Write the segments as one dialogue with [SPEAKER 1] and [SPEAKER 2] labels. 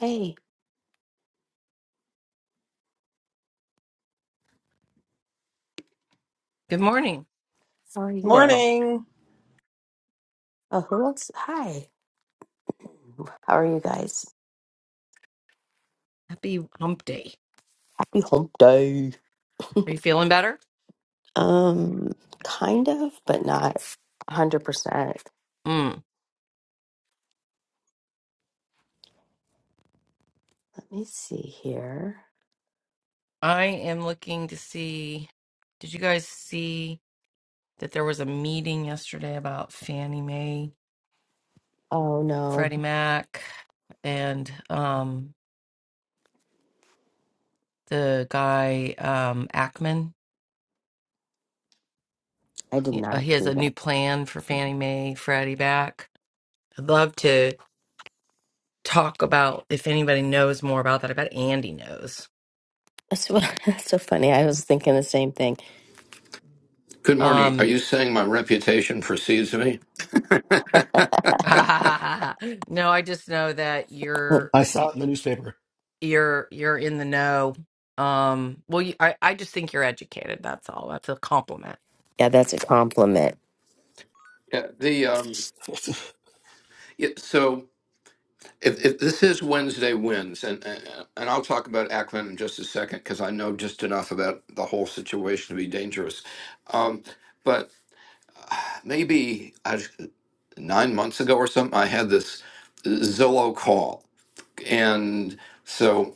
[SPEAKER 1] Hey,
[SPEAKER 2] Good morning.
[SPEAKER 1] how are you?
[SPEAKER 3] Morning.
[SPEAKER 1] Uh, who else? Hi. How are you guys?
[SPEAKER 2] Happy hump day.
[SPEAKER 1] Happy hump day.
[SPEAKER 2] Are you feeling better?
[SPEAKER 1] Um, kind of, but not 100%.
[SPEAKER 2] Mm.
[SPEAKER 1] Let me see here.
[SPEAKER 2] I am looking to see. Did you guys see that there was a meeting yesterday about Fannie Mae,
[SPEAKER 1] Oh, no,
[SPEAKER 2] Freddie Mac, and um, the guy um, Ackman?
[SPEAKER 1] I did
[SPEAKER 2] He, uh,
[SPEAKER 1] not
[SPEAKER 2] he has
[SPEAKER 1] do
[SPEAKER 2] a
[SPEAKER 1] that.
[SPEAKER 2] new plan for Fannie Mae, Freddie Mac. I'd love to talk about if anybody knows more about that. I bet Andy knows.
[SPEAKER 1] That's, what, that's so funny. I was thinking the same thing.
[SPEAKER 4] Good morning. Are
[SPEAKER 2] Um,
[SPEAKER 4] you saying my reputation precedes me? yeah.
[SPEAKER 2] no, I just know that
[SPEAKER 1] Uh,
[SPEAKER 2] you're.
[SPEAKER 5] I saw it in the newspaper.
[SPEAKER 2] you're you're in the know. Um, well, you, I I just think you're educated. That's all. That's a compliment.
[SPEAKER 1] Yeah, that's a compliment.
[SPEAKER 4] The um. Yeah, so if, if this is Wednesday wins, and, and and I'll talk about Ackman in just a second because I know just enough about the whole situation to be dangerous. Um, but maybe I, nine months ago or something, I had this Zillow call, And so,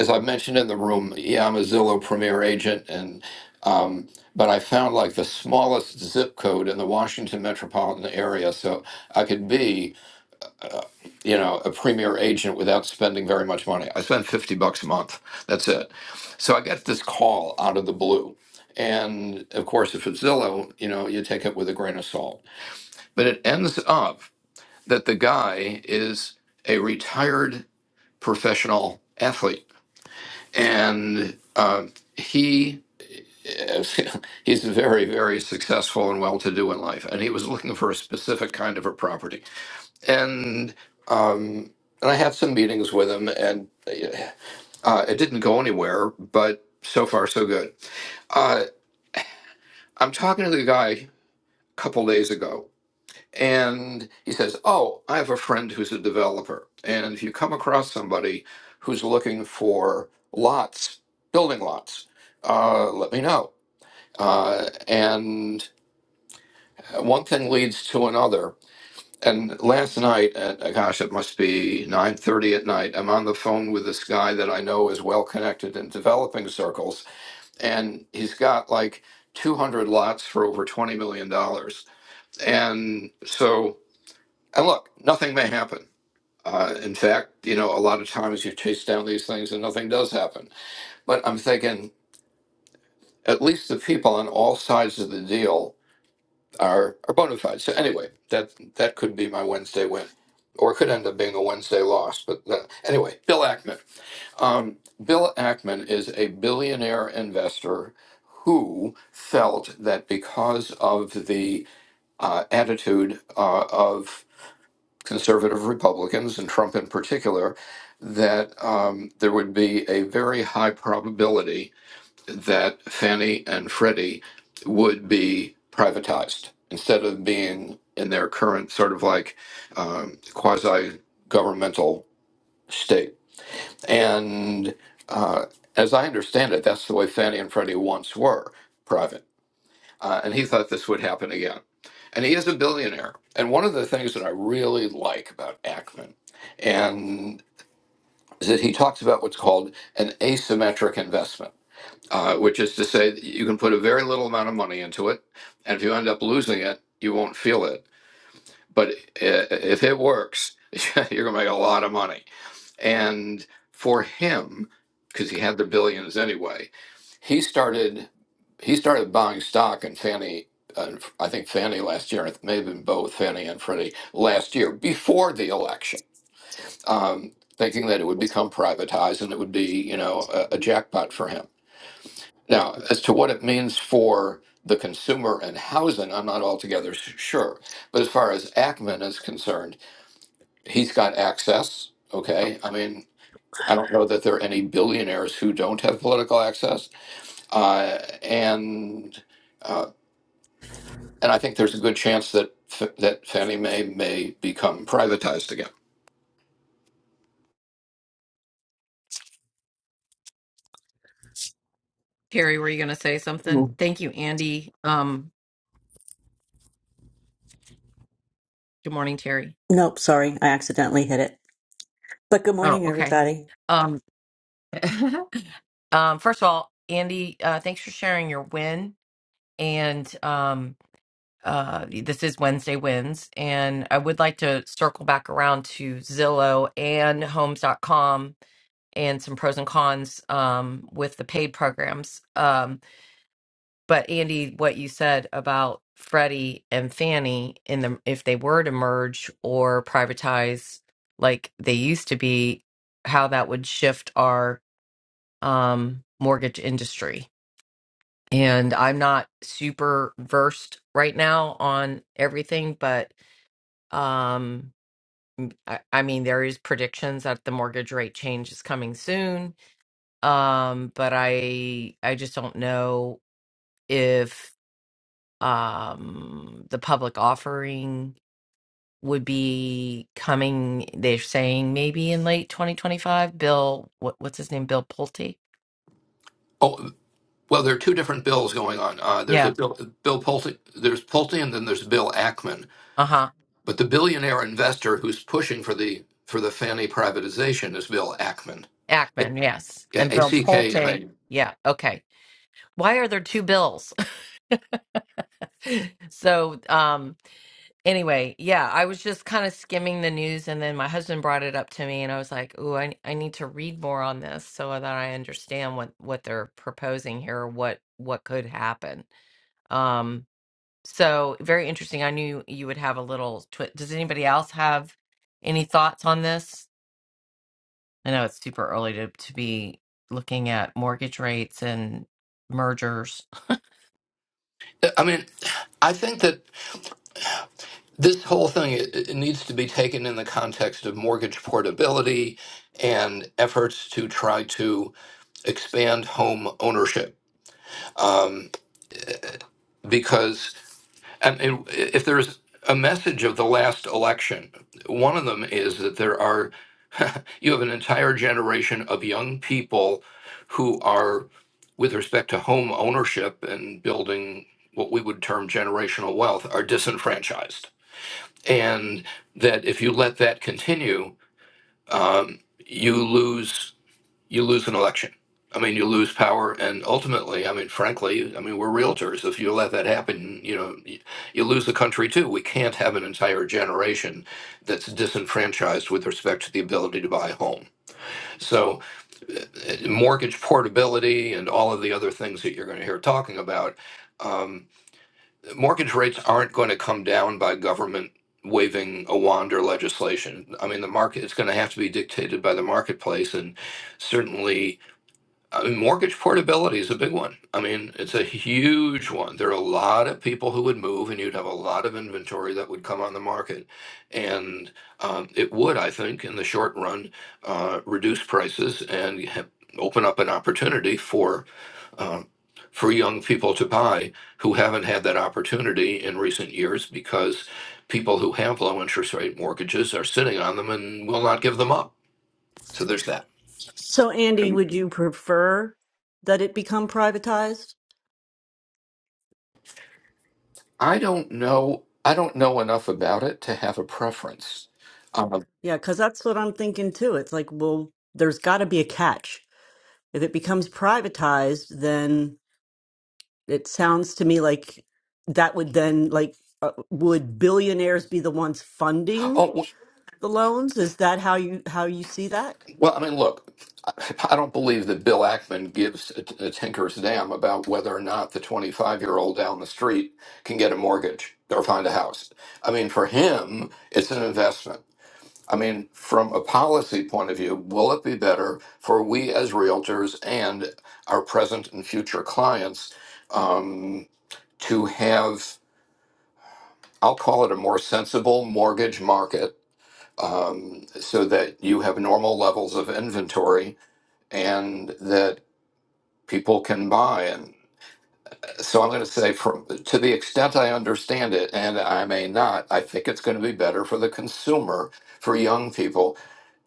[SPEAKER 4] as I mentioned in the room, yeah, I'm a Zillow Premier agent, and um, but I found like the smallest zip code in the Washington metropolitan area, so I could be, you know, a Premier agent without spending very much money. I spend fifty bucks a month. That's it. So I get this call out of the blue. And of course, if it's Zillow, you know, you take it with a grain of salt. But it ends up that the guy is a retired professional athlete and uh, he he's very very successful and well to do in life and he was looking for a specific kind of a property and um, and I had some meetings with him and uh, uh, it didn't go anywhere but so far so good uh, I'm talking to the guy a couple days ago and he says oh I have a friend who's a developer and if you come across somebody who's looking for lots building lots uh, let me know uh, and one thing leads to another. And last night, at uh, gosh, it must be nine thirty at night. I'm on the phone with this guy that I know is well connected in developing circles, and he's got like two hundred lots for over twenty million dollars. And so, and look, nothing may happen. Uh, in fact, you know, a lot of times you chase down these things and nothing does happen. But I'm thinking, at least the people on all sides of the deal are, are bona fide. So anyway, that that could be my Wednesday win, or it could end up being a Wednesday loss. But that, anyway, Bill Ackman. Um, Bill Ackman is a billionaire investor who felt that because of the uh, attitude uh, of conservative Republicans and Trump in particular, that um, there would be a very high probability that Fannie and Freddie would be privatized instead of being in their current sort of like um, quasi governmental state. And uh, as I understand it, that's the way Fannie and Freddie once were private. Uh, and he thought this would happen again. And he is a billionaire. And one of the things that I really like about Ackman and is that he talks about what's called an asymmetric investment uh, which is to say that you can put a very little amount of money into it, and if you end up losing it, you won't feel it. But if it works, you're gonna make a lot of money. And for him, because he had the billions anyway, he started he started buying stock in Fannie. Uh, I think Fannie last year, it may have been both Fannie and Freddie last year before the election, um, thinking that it would become privatized and it would be, you know, a, a jackpot for him now, as to what it means for the consumer and housing, I'm not altogether s- sure. But as far as Ackman is concerned, he's got access. Okay. I mean, I don't know that there are any billionaires who don't have political access. Uh, and, uh, and I think there's a good chance that, F- that Fannie Mae may become privatized again.
[SPEAKER 2] Terry, were you going to say something?
[SPEAKER 6] Mm.
[SPEAKER 2] Thank you, Andy. Um, good morning, Terry.
[SPEAKER 6] Nope, sorry, I accidentally hit it. But good
[SPEAKER 2] Oh,
[SPEAKER 6] morning,
[SPEAKER 2] okay.
[SPEAKER 6] everybody.
[SPEAKER 2] Um, um, first of all, Andy, uh, thanks for sharing your win. And um, uh, this is Wednesday Wins. And I would like to circle back around to Zillow and Homes dot com and some pros and cons um, with the paid programs. Um, But Andy, what you said about Freddie and Fannie in the if they were to merge or privatize like they used to be, how that would shift our um, mortgage industry. And I'm not super versed right now on everything, but um, I, I mean there is predictions that the mortgage rate change is coming soon. Um, but I I just don't know if. um the public offering would be coming they're saying maybe in late 2025 bill what, what's his name bill pulte
[SPEAKER 4] Oh, well, there are two different bills going on. Uh, there's
[SPEAKER 2] yeah
[SPEAKER 4] a bill, Bill Pulte, there's Pulte, and then there's Bill Ackman.
[SPEAKER 2] uh-huh
[SPEAKER 4] But the billionaire investor who's pushing for the for the Fannie privatization is Bill Ackman. It-
[SPEAKER 2] ackman yes
[SPEAKER 4] yeah,
[SPEAKER 2] and bill
[SPEAKER 4] ACK.
[SPEAKER 2] pulte
[SPEAKER 4] mean,
[SPEAKER 2] yeah okay why are there two bills so um anyway yeah i was just kind of skimming the news and then my husband brought it up to me and i was like "Ooh, I, I need to read more on this so that i understand what what they're proposing here or what what could happen Um. So very interesting. I knew you would have a little twist. Does anybody else have any thoughts on this? I know it's super early to, to be looking at mortgage rates and mergers.
[SPEAKER 4] I mean, I think that this whole thing it, it needs to be taken in the context of mortgage portability and efforts to try to expand home ownership, um, because And and if there's a message of the last election, one of them is that there are, you have an entire generation of young people who are, with respect to home ownership and building what we would term generational wealth, are disenfranchised. And that if you let that continue, um, you lose you lose an election. I mean, you lose power, and ultimately, I mean, frankly, I mean, we're realtors. If you let that happen, you know, y- you lose the country too. We can't have an entire generation that's disenfranchised with respect to the ability to buy a home. So, uh, uh, mortgage portability and all of the other things that you're going to hear talking about, um, mortgage rates aren't going to come down by government waving a wand or legislation. I mean, the market it's going to have to be dictated by the marketplace, and certainly I mean, mortgage portability is a big one. I mean, it's a huge one. There are a lot of people who would move, and you'd have a lot of inventory that would come on the market. And um, it would, I think, in the short run, uh, reduce prices and ha- open up an opportunity for um, for young people to buy who haven't had that opportunity in recent years because people who have low interest rate mortgages are sitting on them and will not give them up. So there's that.
[SPEAKER 6] So, Andy,
[SPEAKER 7] And
[SPEAKER 6] would you prefer that it become privatized?
[SPEAKER 4] I don't know. I don't know enough about it to have a preference. Um,
[SPEAKER 6] Yeah, because that's what I'm thinking too. It's like, well, there's got to be a catch. If it becomes privatized, then it sounds to me like that would then, like, uh, would billionaires be the ones funding
[SPEAKER 4] oh w-
[SPEAKER 6] the loans? Is that how you how you see that?
[SPEAKER 4] well, I mean, look, I I don't believe that Bill Ackman gives a, a tinker's damn about whether or not the 25 year old down the street can get a mortgage or find a house. I mean, for him, it's an investment. I mean, from a policy point of view, will it be better for we as realtors and our present and future clients um, to have? I'll call it a more sensible mortgage market um, so that you have normal levels of inventory and that people can buy. And so I'm going to say, from, to the extent I understand it, and I may not, I think it's going to be better for the consumer, for young people,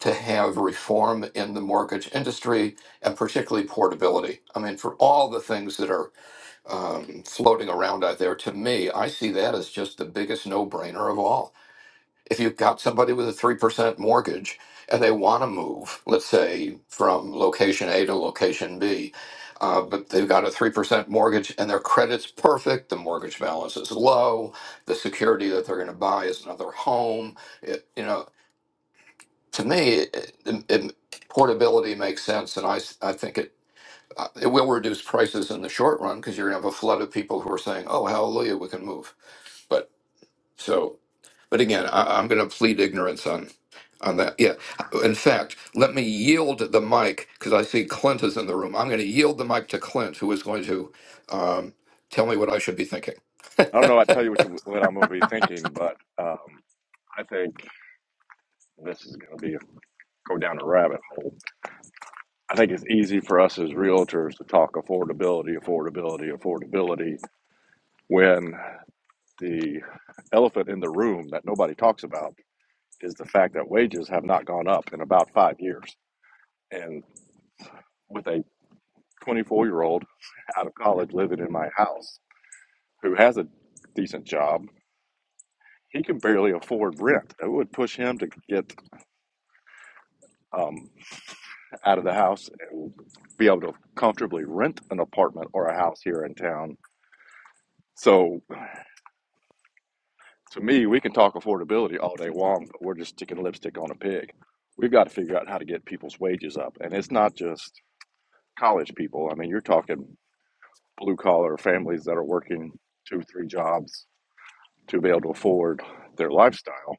[SPEAKER 4] to have reform in the mortgage industry and particularly portability. I mean, for all the things that are um, floating around out there, to me, I see that as just the biggest no brainer of all. if you've got somebody with a 3% mortgage and they want to move, let's say from location A to location B, uh, but they've got a 3% mortgage and their credit's perfect, the mortgage balance is low, the security that they're going to buy is another home. It, you know, to me, it, it, it- portability makes sense, and I, s- I think it. uh, It will reduce prices in the short run because you're going to have a flood of people who are saying, "Oh, hallelujah, we can move." But so but again, I, I'm going to plead ignorance on on that. Yeah. In fact, let me yield the mic because I see Clint is in the room. I'm going to yield the mic to Clint, who is going to um, tell me what I should be thinking.
[SPEAKER 7] I don't know. I tell you what, you, what I'm going to be thinking, but um, I think this is going to be a, go down a rabbit hole. I think it's easy for us as realtors to talk affordability, affordability, affordability, when the elephant in the room that nobody talks about is the fact that wages have not gone up in about five years. And with a 24 year old out of college living in my house who has a decent job, he can barely afford rent. It would push him to get um, out of the house and be able to comfortably rent an apartment or a house here in town. So to me, we can talk affordability all day long, but we're just sticking lipstick on a pig. We've got to figure out how to get people's wages up. And it's not just college people. I mean, you're talking blue collar families that are working two, three jobs to be able to afford their lifestyle.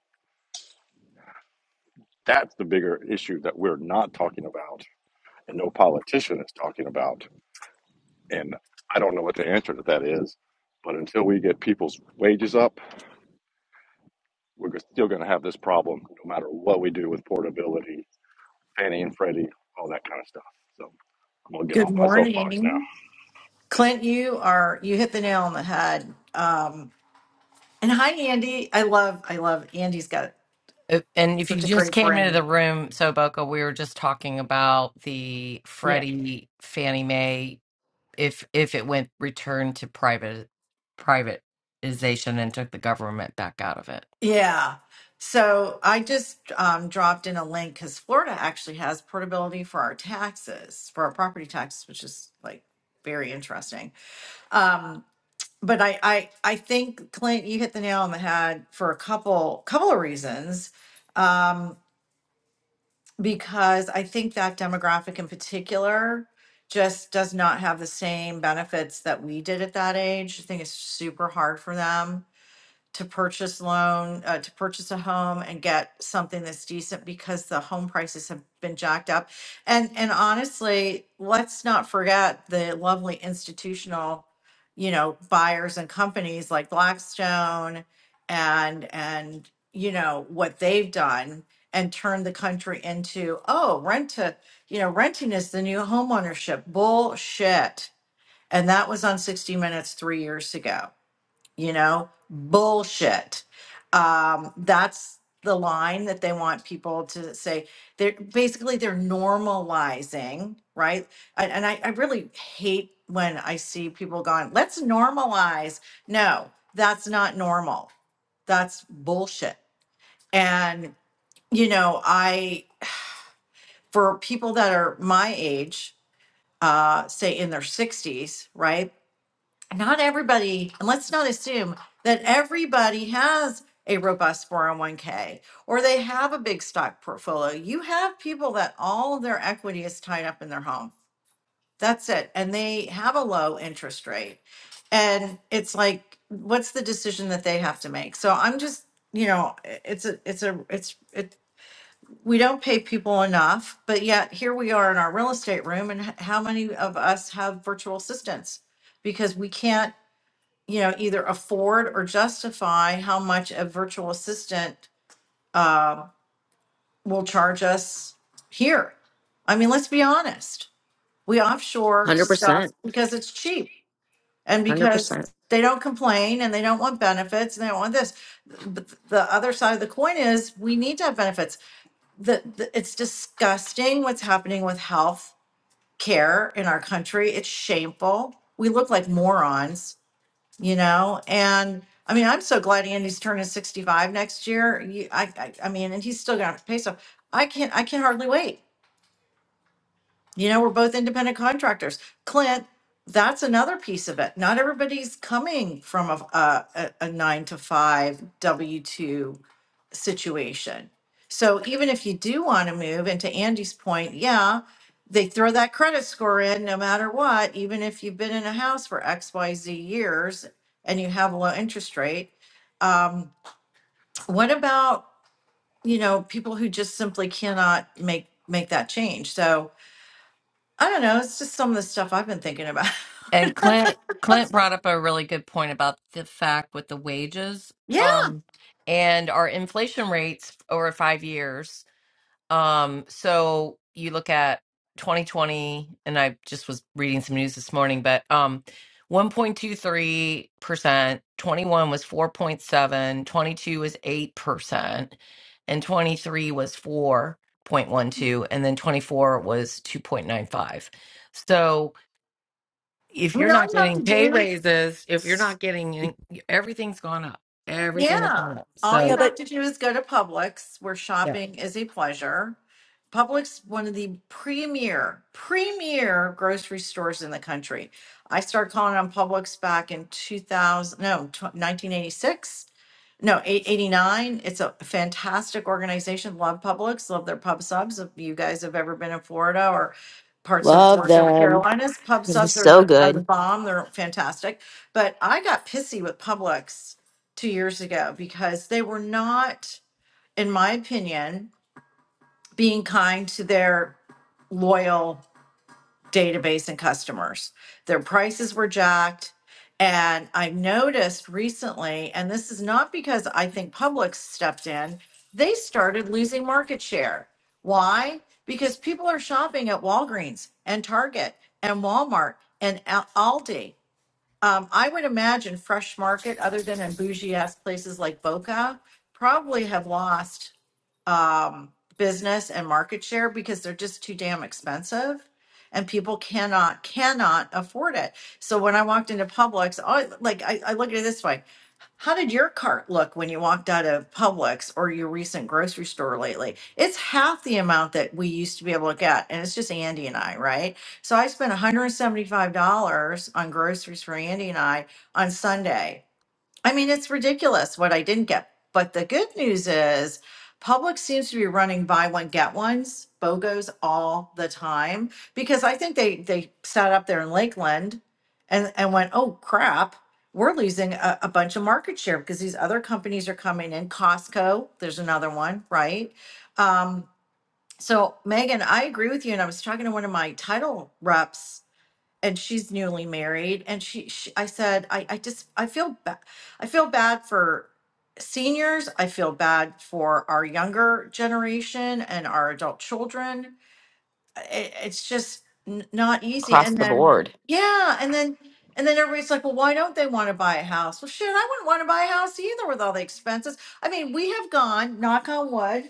[SPEAKER 7] That's the bigger issue that we're not talking about and no politician is talking about. And I don't know what the answer to that is. But until we get people's wages up, we're still going to have this problem no matter what we do with portability, Fannie and Freddie, all that kind of stuff. So I'm going to get
[SPEAKER 8] Good
[SPEAKER 7] off my soapbox now.
[SPEAKER 8] morning. Clint, you are you hit the nail on the head. Um and hi Andy. I love Andy's got
[SPEAKER 2] Uh, And if you
[SPEAKER 8] such a
[SPEAKER 2] just
[SPEAKER 8] great
[SPEAKER 2] came into the
[SPEAKER 8] brain.
[SPEAKER 2] room, so Boca, we were just talking about the
[SPEAKER 8] Yeah.
[SPEAKER 2] Freddie Fannie Mae if if it went returned to private privatization and took the government back out of it.
[SPEAKER 8] Yeah. So I just um, dropped in a link because Florida actually has portability for our taxes, for our property taxes, which is like very interesting. Um, but I, I I think Clint, you hit the nail on the head for a couple couple of reasons. Um, because I think that demographic in particular just does not have the same benefits that we did at that age. I think it's super hard for them to purchase loan, uh, to purchase a home and get something that's decent because the home prices have been jacked up. And, and honestly, let's not forget the lovely institutional, you know, buyers and companies like Blackstone and, and, you know, what they've done and turned the country into, oh, rent to, you know, renting is the new homeownership bullshit. And that was on 60 Minutes three years ago you know bullshit um that's the line that they want people to say they're basically they're normalizing right and, and I, I really hate when i see people going let's normalize no that's not normal that's bullshit and you know i for people that are my age uh say in their 60s right not everybody, and let's not assume that everybody has a robust 401k or they have a big stock portfolio. You have people that all of their equity is tied up in their home. That's it. And they have a low interest rate. And it's like, what's the decision that they have to make? So I'm just, you know, i- it's a, it's a, it's, it, we don't pay people enough, but yet here we are in our real estate room. And h- how many of us have virtual assistants? Because we can't you know, either afford or justify how much a virtual assistant uh, will charge us here. I mean, let's be honest. We offshore
[SPEAKER 1] 100%.
[SPEAKER 8] stuff because it's cheap and
[SPEAKER 1] 100%.
[SPEAKER 8] because they don't complain and they don't want benefits and they don't want this. But the other side of the coin is we need to have benefits. The, the, it's disgusting what's happening with health care in our country. It's shameful. We look like morons you know and i mean i'm so glad andy's turning 65 next year you, I, I i mean and he's still gonna have to pay so i can't i can hardly wait you know, we're both independent contractors. Clint, that's another piece of it. Not everybody's coming from a, a, a a nine to five W two situation. So even if you do want to move, and to Andy's point, yeah, they throw that credit score in no matter what, even if you've been in a house for X, Y, Z years and you have a low interest rate. Um, what about, you know, people who just simply cannot make make that change? So I don't know. It's just some of the stuff I've been thinking about.
[SPEAKER 2] And Clint Clint brought up a really good point about the fact with the wages
[SPEAKER 8] Yeah.
[SPEAKER 2] um and our inflation rates over 5 years. Um so you look at 2020 and I just was reading some news this morning but um 1.23%, 21 was 4.7, 22 was 8% and 23 was 4.12 and then 24 was 2.95. So if
[SPEAKER 8] I
[SPEAKER 2] you're
[SPEAKER 8] mean, all
[SPEAKER 2] not
[SPEAKER 8] you have
[SPEAKER 2] getting
[SPEAKER 8] to
[SPEAKER 2] pay
[SPEAKER 8] do
[SPEAKER 2] raises, if you're not getting any- everything's gone up. Everything's
[SPEAKER 8] Yeah.
[SPEAKER 2] gone up.
[SPEAKER 8] All you
[SPEAKER 6] Yeah,
[SPEAKER 2] So
[SPEAKER 6] but
[SPEAKER 8] have to do is go to Publix, where
[SPEAKER 2] yeah.
[SPEAKER 8] shopping is a pleasure. Publix, one of the premier, premier grocery stores in the country. I started calling on Publix back in 2000, no, tw 1986. No, eight- 89. It's a fantastic organization. Love Publix, love their pub subs. If you guys have ever been in Florida or parts of
[SPEAKER 1] Love
[SPEAKER 8] Georgia or the
[SPEAKER 1] them.
[SPEAKER 8] Carolinas, pub
[SPEAKER 1] This is
[SPEAKER 8] subs are
[SPEAKER 1] so
[SPEAKER 8] the are the
[SPEAKER 1] good
[SPEAKER 8] bomb. They're fantastic. But I got pissy with Publix two years ago because they were not, in my opinion, being kind to their loyal database and customers. Their prices were jacked. And I have noticed recently, and this is not because I think Publix stepped in, they started losing market share. Why? Because people are shopping at Walgreens and Target and Walmart and Aldi. Um, I would imagine Fresh Market, other than in bougie ass places like Boca, probably have lost um, business and market share because they're just too damn expensive and people cannot cannot afford it so when i walked into publix I, like I, I look at it this way how did your cart look when you walked out of publix or your recent grocery store lately it's half the amount that we used to be able to get and it's just andy and i right so i spent $175 on groceries for andy and i on sunday I mean, it's ridiculous what I didn't get. But the good news is, Publix seems to be running buy one get ones, BOGOs all the time because I think they they sat up there in Lakeland, and and went, oh crap, we're losing a, a bunch of market share because these other companies are coming in. Costco, there's another one, right? Um, so Megan, I agree with you, and I was talking to one of my title reps and she's newly married and she, she i said i i just i feel bad i feel bad for seniors i feel bad for our younger generation and our adult children it, it's just n- not easy
[SPEAKER 1] across
[SPEAKER 8] and
[SPEAKER 1] the
[SPEAKER 8] then
[SPEAKER 1] board.
[SPEAKER 8] yeah and then and then everybody's like well why don't they want to buy a house well shit i wouldn't want to buy a house either with all the expenses i mean we have gone knock on wood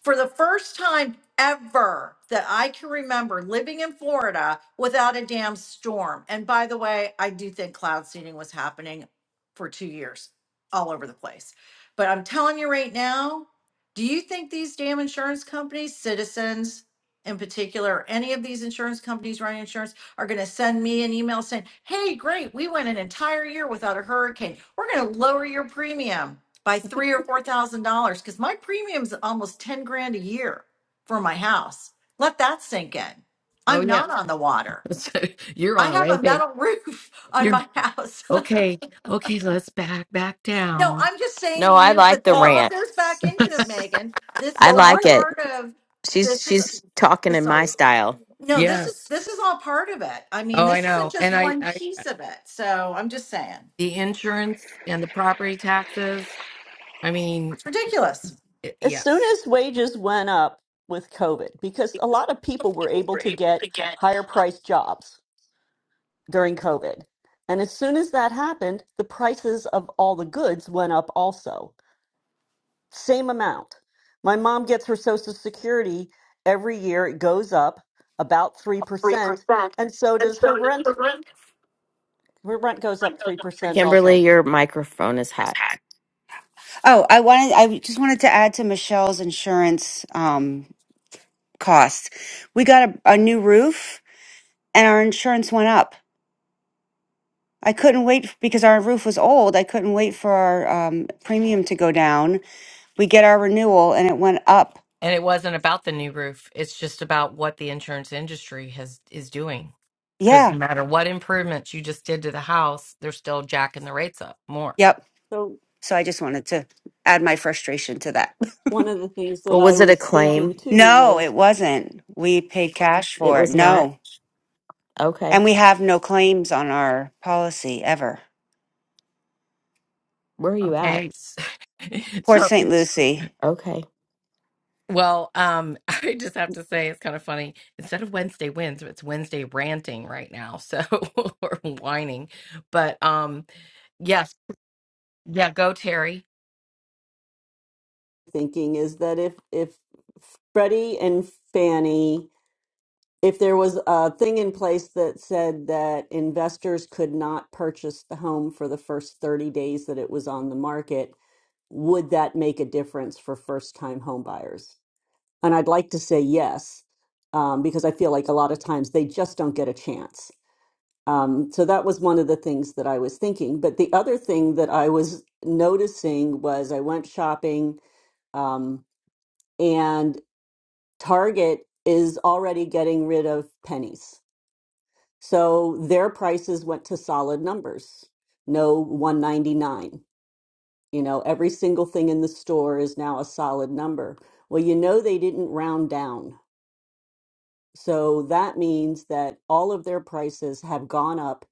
[SPEAKER 8] for the first time ever that I can remember living in Florida without a damn storm. And by the way, I do think cloud seeding was happening for two years all over the place. But I'm telling you right now, do you think these damn insurance companies, citizens in particular, any of these insurance companies running insurance are going to send me an email saying, hey, great, we went an entire year without a hurricane. We're going to lower your premium by three or four thousand dollars because my premium's almost ten grand a year for my house. Let that sink in.
[SPEAKER 2] Oh
[SPEAKER 8] I'm
[SPEAKER 2] yeah.
[SPEAKER 8] not on the water.
[SPEAKER 2] So you're
[SPEAKER 8] I
[SPEAKER 2] on a
[SPEAKER 8] have a
[SPEAKER 2] rampage.
[SPEAKER 8] metal roof on
[SPEAKER 2] You're
[SPEAKER 8] my house.
[SPEAKER 2] okay. Okay, let's back back
[SPEAKER 8] no,
[SPEAKER 2] down.
[SPEAKER 8] I'm just saying to
[SPEAKER 1] No, I
[SPEAKER 8] you,
[SPEAKER 1] like
[SPEAKER 8] but
[SPEAKER 1] the
[SPEAKER 8] this
[SPEAKER 6] Well,
[SPEAKER 8] all
[SPEAKER 1] rant.
[SPEAKER 8] goes back into it,
[SPEAKER 6] so
[SPEAKER 8] Megan. This
[SPEAKER 1] I
[SPEAKER 8] is all
[SPEAKER 6] one
[SPEAKER 1] like
[SPEAKER 6] of
[SPEAKER 1] it.
[SPEAKER 8] part of
[SPEAKER 1] She's
[SPEAKER 8] this is
[SPEAKER 1] she's talking in
[SPEAKER 8] this
[SPEAKER 1] my
[SPEAKER 8] all
[SPEAKER 1] style.
[SPEAKER 8] no, this is
[SPEAKER 2] Yes.
[SPEAKER 8] this is all part of it. I mean,
[SPEAKER 2] Oh, I
[SPEAKER 8] this isn't
[SPEAKER 2] know. And
[SPEAKER 8] just
[SPEAKER 2] I,
[SPEAKER 8] one
[SPEAKER 2] I uh,
[SPEAKER 8] piece of it. So I'm just saying.
[SPEAKER 2] the insurance and the property taxes. I mean,
[SPEAKER 8] It's ridiculous.
[SPEAKER 2] i-
[SPEAKER 6] as soon
[SPEAKER 2] yes.
[SPEAKER 6] as wages went up with COVID, because a lot of people were able to get higher priced jobs during COVID. And as soon as that happened, the prices of all the goods went up also. same amount. My mom gets her Social Security every year. It goes up about 3%, and so does her rent. Her rent goes up 3%
[SPEAKER 1] Kimberly,
[SPEAKER 6] also.
[SPEAKER 1] your microphone is hot.
[SPEAKER 9] Oh, I wanted, I just wanted to add to Michelle's insurance um, cost. We got a, a new roof and our insurance went up. I couldn't wait because our roof was old. I couldn't wait for our um, premium to go down. We get our renewal and it went up.
[SPEAKER 2] And it wasn't about the new roof. It's just about what the insurance industry has is doing. Because
[SPEAKER 9] Yeah.
[SPEAKER 2] no matter what improvements you just did to the house, they're still jacking the rates up more.
[SPEAKER 9] Yep.
[SPEAKER 6] So
[SPEAKER 9] So I just wanted to add my frustration to that.
[SPEAKER 6] one of the things that
[SPEAKER 1] Well,
[SPEAKER 6] I
[SPEAKER 1] was it a
[SPEAKER 6] was thinking
[SPEAKER 1] claim?
[SPEAKER 6] too
[SPEAKER 9] No,
[SPEAKER 6] was
[SPEAKER 9] it wasn't. We paid cash
[SPEAKER 1] It
[SPEAKER 9] for it.
[SPEAKER 1] was not.
[SPEAKER 9] No.
[SPEAKER 1] Okay.
[SPEAKER 9] And we have no claims on our policy ever.
[SPEAKER 1] Where are you at?
[SPEAKER 2] Okay. So,
[SPEAKER 9] Port
[SPEAKER 2] so-
[SPEAKER 9] St. Lucie.
[SPEAKER 1] Okay.
[SPEAKER 2] well, um, I just have to say it's kind of funny. Instead of Wednesday wins, it's Wednesday ranting right now. So or whining. But um yes. Yeah, go Terry.
[SPEAKER 6] thinking is that if if Freddie and Fannie, if there was a thing in place that said that investors could not purchase the home for the first 30 days that it was on the market, would that make a difference for first-time home buyers? And I'd like to say yes, um, because I feel like a lot of times they just don't get a chance. Um, so that was one of the things that I was thinking. But the other thing that I was noticing was I went shopping, um, and Target is already getting rid of pennies. So their prices went to solid numbers, no 199. You know, every single thing in the store is now a solid number. Well, you know, they didn't round down So that means that all of their prices have gone up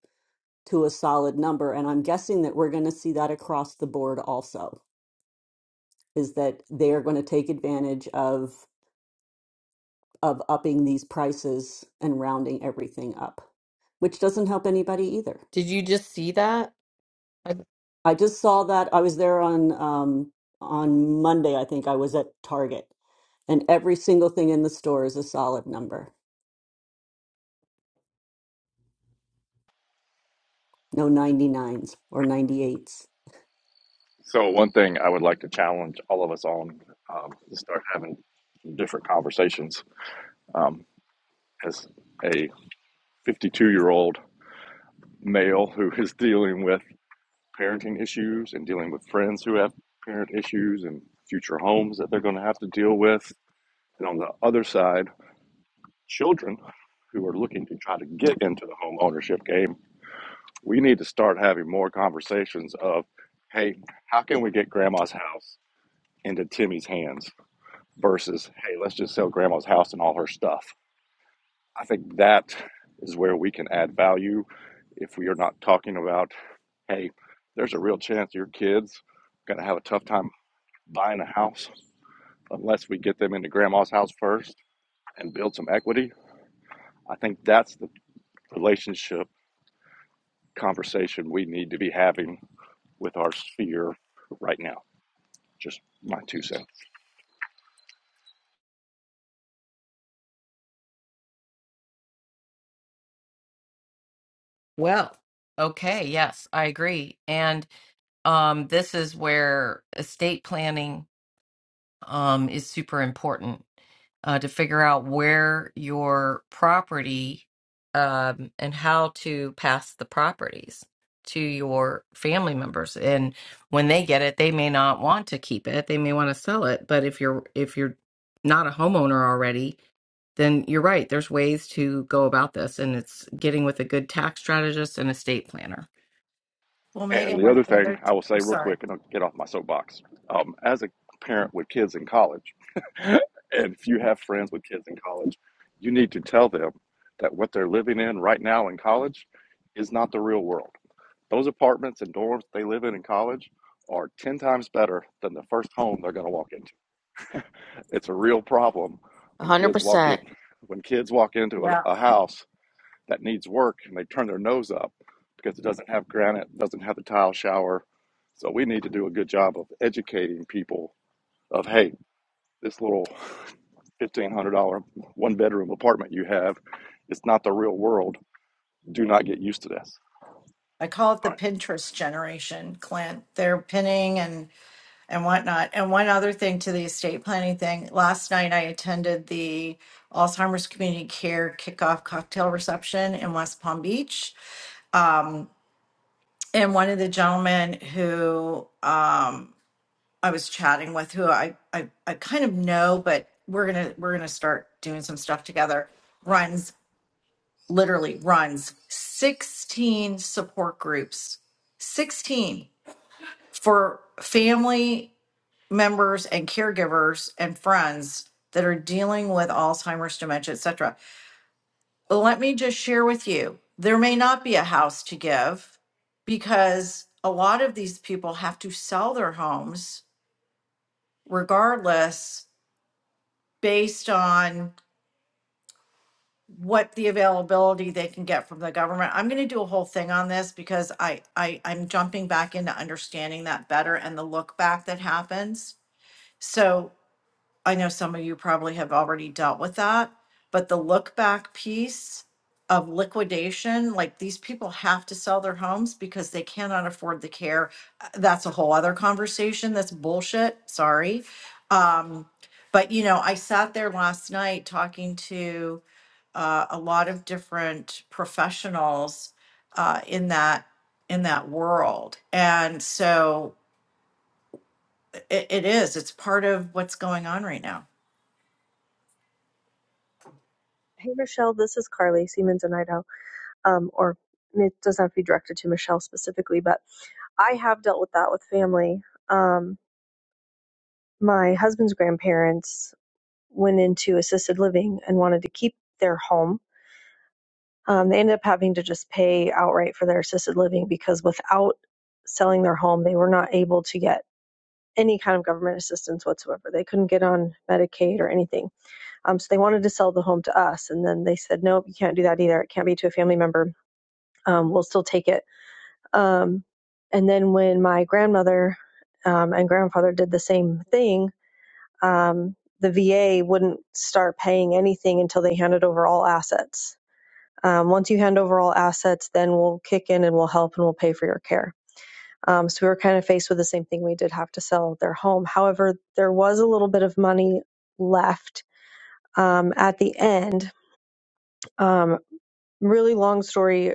[SPEAKER 6] to a solid number. And I'm guessing that we're going to see that across the board also, is that they are going to take advantage of of upping these prices and rounding everything up, which doesn't help anybody either.
[SPEAKER 2] Did you just see that? I,
[SPEAKER 6] I just saw that I was there on um, on Monday, I think I was at Target, and every single thing in the store is a solid number. No 99s or 98s.
[SPEAKER 7] So, one thing I would like to challenge all of us on um, is start having different conversations. Um, as a 52 year old male who is dealing with parenting issues and dealing with friends who have parent issues and future homes that they're going to have to deal with And on the other side, children who are looking to try to get into the home ownership game, we need to start having more conversations of, hey, how can we get grandma's house into Timmy's hands versus, hey, let's just sell grandma's house and all her stuff. I think that is where we can add value if we are not talking about, hey, there's a real chance your kids are going to have a tough time buying a house unless we get them into grandma's house first and build some equity. I think that's the relationship conversation we need to be having with our sphere right now. Just my two cents.
[SPEAKER 2] well, okay, yes, I agree. And um, this is where estate planning. um, is super important uh, to figure out where your property um, and how to pass the properties to your family members. And when they get it, they may not want to keep it; they may want to sell it. But if you're if you're not a homeowner already, then you're right. There's ways to go about this, and it's getting with a good tax strategist and estate planner.
[SPEAKER 8] Well,
[SPEAKER 7] And
[SPEAKER 8] Megan,
[SPEAKER 7] the
[SPEAKER 8] one of
[SPEAKER 7] other
[SPEAKER 8] the other
[SPEAKER 7] thing I will
[SPEAKER 8] I'm
[SPEAKER 7] say real
[SPEAKER 8] sorry.
[SPEAKER 7] quick, and I'll get off my soapbox. Um, as a parent with kids in college, and if you have friends with kids in college, you need to tell them that what they're living in right now in college is not the real world. Those apartments and dorms they live in in college are 10 times better than the first home they're going to walk into. It's a real problem when kids walk in
[SPEAKER 1] 100%.
[SPEAKER 7] when kids walk into
[SPEAKER 8] Yeah.
[SPEAKER 7] a, a house that needs work and they turn their nose up because it doesn't have granite, doesn't have the tile shower. So we need to do a good job of educating people of hey, this little fifteen hundred dollar one bedroom apartment you have, it's not the real world. Do not get used to this.
[SPEAKER 8] I call it
[SPEAKER 7] All right.
[SPEAKER 8] the Pinterest generation, Clint. They're pinning and and whatnot. And one other thing to the estate planning thing. Last night I attended the Alzheimer's Community Care kickoff cocktail reception in West Palm Beach. Um, and one of the gentlemen who um, I was chatting with, who I, I I kind of know, but we're gonna we're gonna start doing some stuff together. Runs literally runs sixteen support groups. 16 for family members and caregivers and friends that are dealing with Alzheimer's, dementia, etc. But let me just share with you, there may not be a house to give because a lot of these people have to sell their homes regardless based on what the availability they can get from the government. I'm going to do a whole thing on this because I, I I'm jumping back into understanding that better and the look back that happens. So I know some of you probably have already dealt with that, but the look back piece of liquidation, like these people have to sell their homes because they cannot afford the care. Uh, That's a whole other conversation. That's bullshit. Sorry. Um, but you know, I sat there last night talking to uh, a lot of different professionals uh, in that in that world, and so it, it is. It's part of what's going on right now.
[SPEAKER 10] Hey Michelle, this is Carly Siemens in Idaho. Um, or it doesn't have to be directed to Michelle specifically, but I have dealt with that with family. Um, my husband's grandparents went into assisted living and wanted to keep their home. Um, they ended up having to just pay outright for their assisted living because without selling their home, they were not able to get any kind of government assistance whatsoever. They couldn't get on Medicaid or anything. Um, so they wanted to sell the home to us, and then they said, "Nope, you can't do that either. It can't be to a family member." um, we'll still take it. Um, and then when my grandmother um, and grandfather did the same thing, um, the VA wouldn't start paying anything until they handed over all assets. Um, once you hand over all assets, then we'll kick in and we'll help and we'll pay for your care. Um, so we were kind of faced with the same thing. We did have to sell their home. However, there was a little bit of money left um, at the end. Um, really long story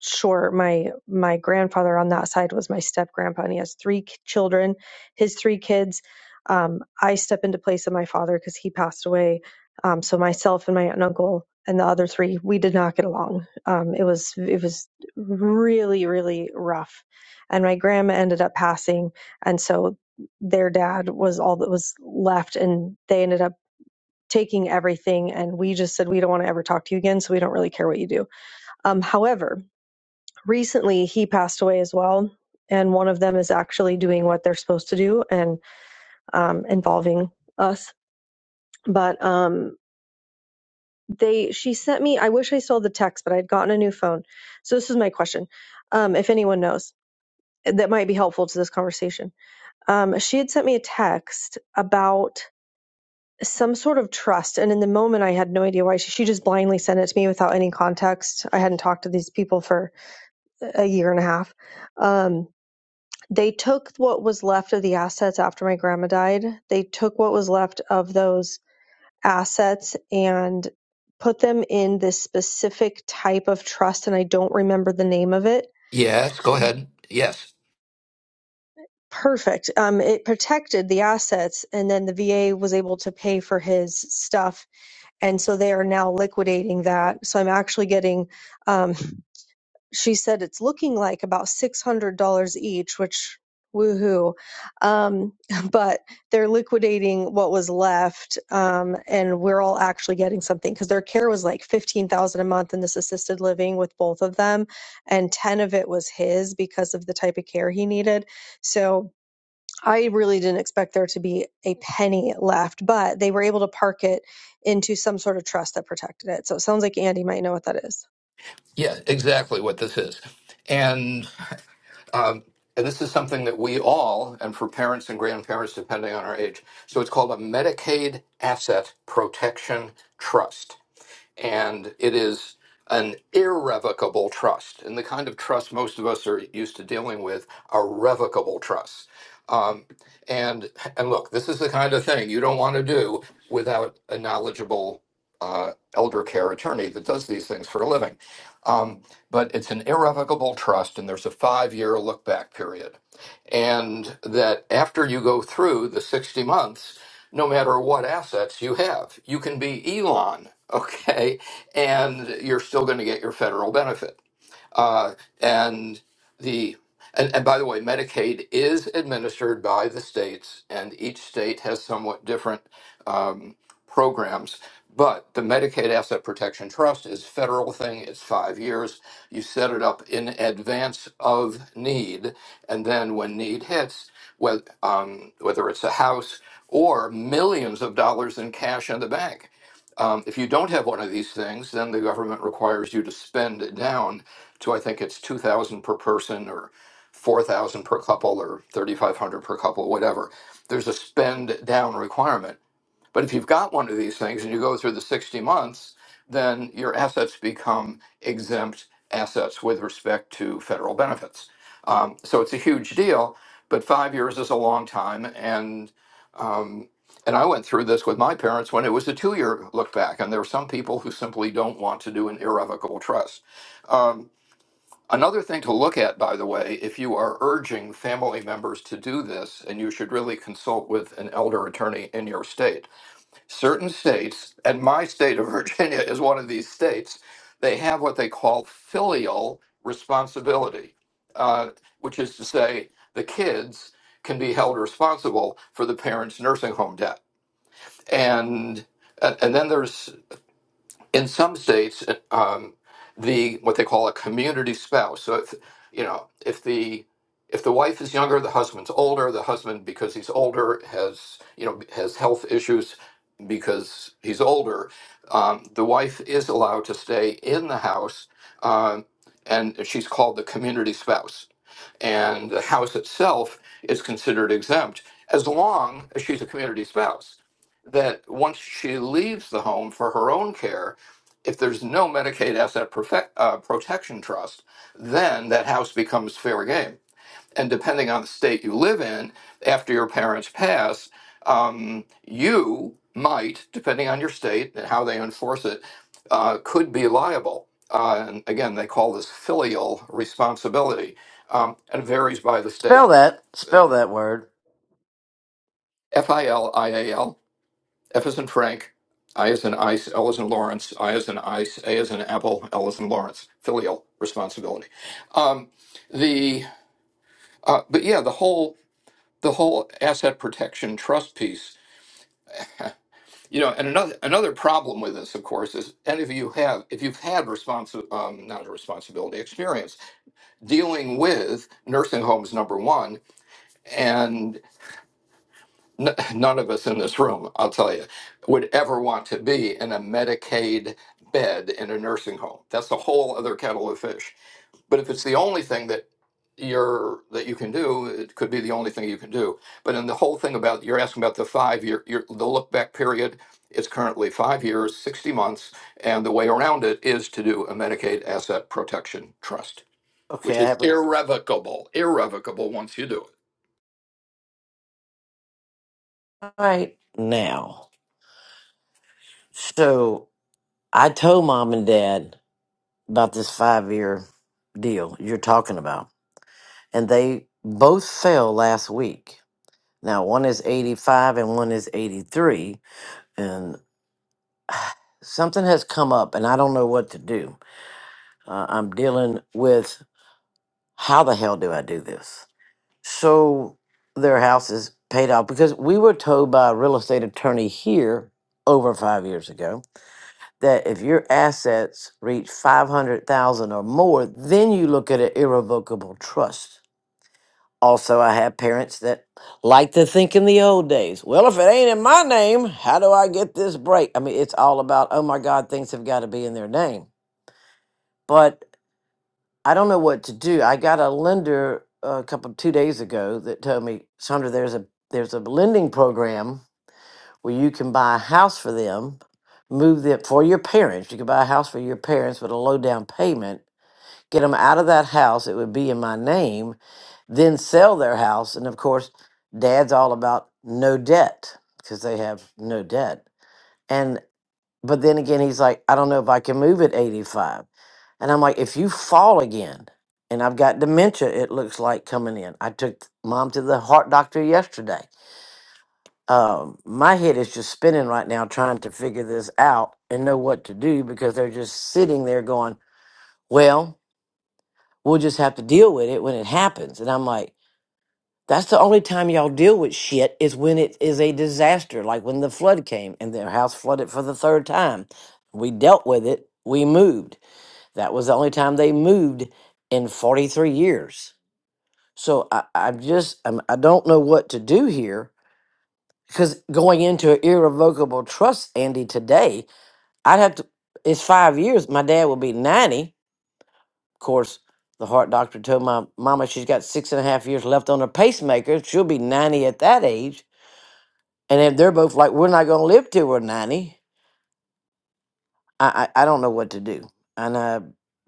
[SPEAKER 10] short my my grandfather on that side was my step grandpa and he has three k- children his three kids um, i step into place of my father because he passed away um, so myself and my aunt and uncle and the other three we did not get along um, it was it was really really rough and my grandma ended up passing and so their dad was all that was left and they ended up taking everything and we just said we don't want to ever talk to you again so we don't really care what you do um, however, recently he passed away as well, and one of them is actually doing what they're supposed to do and um, involving us. But um, they, she sent me. I wish I saw the text, but I would gotten a new phone. So this is my question: um, if anyone knows eh, that might be helpful to this conversation, um, she had sent me a text about some sort of trust and in the moment i had no idea why she, she just blindly sent it to me without any context i hadn't talked to these people for a year and a half um They took what was left of the assets after my grandma died. They took what was left of those assets and put them in this specific type of trust, and I don't remember the name of it.
[SPEAKER 4] Yes. Go ahead. Yes.
[SPEAKER 10] Perfect. Um, it protected the assets, and then the VA was able to pay for his stuff, and so they are now liquidating that. So I'm actually getting um, she said it's looking like about $600 each, which woohoo. Um, but they're liquidating what was left. Um, and we're all actually getting something because their care was like 15,000 a month in this assisted living with both of them. And 10 of it was his because of the type of care he needed. So I really didn't expect there to be a penny left, but they were able to park it into some sort of trust that protected it. So it sounds like Andy might know what that is.
[SPEAKER 4] Yeah. Exactly what this is, and um, and this is something that we all, and for parents and grandparents, depending on our age. So it's called a Medicaid Asset Protection Trust. and it is an irrevocable trust. And the kind of trust most of us are used to dealing with are revocable trusts. Um, and and look, this is the kind of thing you don't want to do without a knowledgeable uh, elder care attorney that does these things for a living. Um, but it's an irrevocable trust, and there's a five-year look-back period, and that after you go through the 60 months no matter what assets you have. You can be Elon, okay, and you're still going to get your federal benefits. Uh, and the and, and by the way, Medicaid is administered by the states, and each state has somewhat different um, programs. But the Medicaid Asset Protection Trust is a federal thing. It's five years. You set it up in advance of need, and then when need hits, whether, um, whether it's a house or millions of dollars in cash in the bank, um, if you don't have one of these things, then the government requires you to spend it down so I think it's 2000 per person or 4000 per couple or 3500 per couple, whatever. There's a spend down requirement. But if you've got one of these things and you go through the 60 months, then your assets become exempt assets with respect to federal benefits. Um, so it's a huge deal, but five years is a long time. And um, and I went through this with my parents when it was a two year look back. And there are some people who simply don't want to do an irrevocable trust. Um, Another thing to look at, by the way, if you are urging family members to do this, and you should really consult with an elder attorney in your state. Certain states, and my state of Virginia is one of these states, they have what they call filial responsibility, uh, which is to say, the kids can be held responsible for the parents' nursing home debt. And and and then there's in some states, um, the what they call a community spouse. So if you know if the if the wife is younger, the husband's older. The husband, because he's older, has you know has health issues because he's older. Um, the wife is allowed to stay in the house, um, and she's called the community spouse. And the house itself is considered exempt as long as she's a community spouse that once she leaves the home for her own care, if there's no Medicaid asset perfect, uh, protection trust, then that house becomes fair game. And depending on the state you live in, after your parents pass, um, you might, depending on your state and how they enforce it, uh, could be liable. Uh, and again, they call this filial responsibility um, and varies by the
[SPEAKER 11] Spell
[SPEAKER 4] state.
[SPEAKER 11] that. Spell that word.
[SPEAKER 4] F i l i a l. F is in Frank, I is in ice, L is in Lawrence, I is in ice, A is in apple, L is in Lawrence. Filial responsibility. Um, the uh, but yeah, the whole the whole asset protection trust piece. You know, and another another problem with this, of course, is any of you have if you've had responsi- um, not a responsibility experience dealing with nursing homes, number one, n- none of us in this room, I'll tell you, would ever want to be in a Medicaid bed in a nursing home. That's a whole other kettle of fish. But if it's the only thing that you're that you can do, it could be the only thing you can do. But in the whole thing about you're asking about the five year, your, the look back period it's currently five years, sixty months, and the way around it is to do a Medicaid asset protection trust,
[SPEAKER 11] Okay,
[SPEAKER 4] which
[SPEAKER 11] I
[SPEAKER 4] is
[SPEAKER 11] have it
[SPEAKER 4] irrevocable, irrevocable once you do it.
[SPEAKER 11] right now. So I told mom and dad about this five year deal you're talking about, and they both fell last week. Now one is 85 and one is 83, and something has come up, and I don't know what to do. Uh, I'm dealing with how the hell do I do this? So their house is paid off because we were told by a real estate attorney here over five years ago that if your assets reach 500,000 or more, then you look at an irrevocable trust. Also, I have parents that like to think in the old days, well, if it ain't in my name, how do I get this break? I mean, it's all about, oh my God, things have got to be in their name. But I don't know what to do. I got a lender uh, a couple two days ago that told me, Sandra, there's a there's a lending program where you can buy a house for them, move them for your parents. You can buy a house for your parents with a low down payment, get them out of that house. It would be in my name, then sell their house. And of course, dad's all about no debt because they have no debt. And. But then again, he's like, I don't know if I can move at 85. And I'm like, if you fall again, and I've got dementia, it looks like coming in. I took mom to the heart doctor yesterday. Um, my head is just spinning right now trying to figure this out and know what to do because they're just sitting there going, well, we'll just have to deal with it when it happens. And I'm like, that's the only time y'all deal with shit is when it is a disaster, like when the flood came and their house flooded for the third time. We dealt with it, we moved. That was the only time they moved in 43 years. So I, I'm just, I'm, I don't know what to do here because going into an irrevocable trust, Andy, today, I'd have to, it's five years. My dad will be 90. Of course, the heart doctor told my mama she's got six and a half years left on her pacemaker. She'll be 90 at that age. And if they're both like, we're not going to live till we're 90. I, I I don't know what to do, and I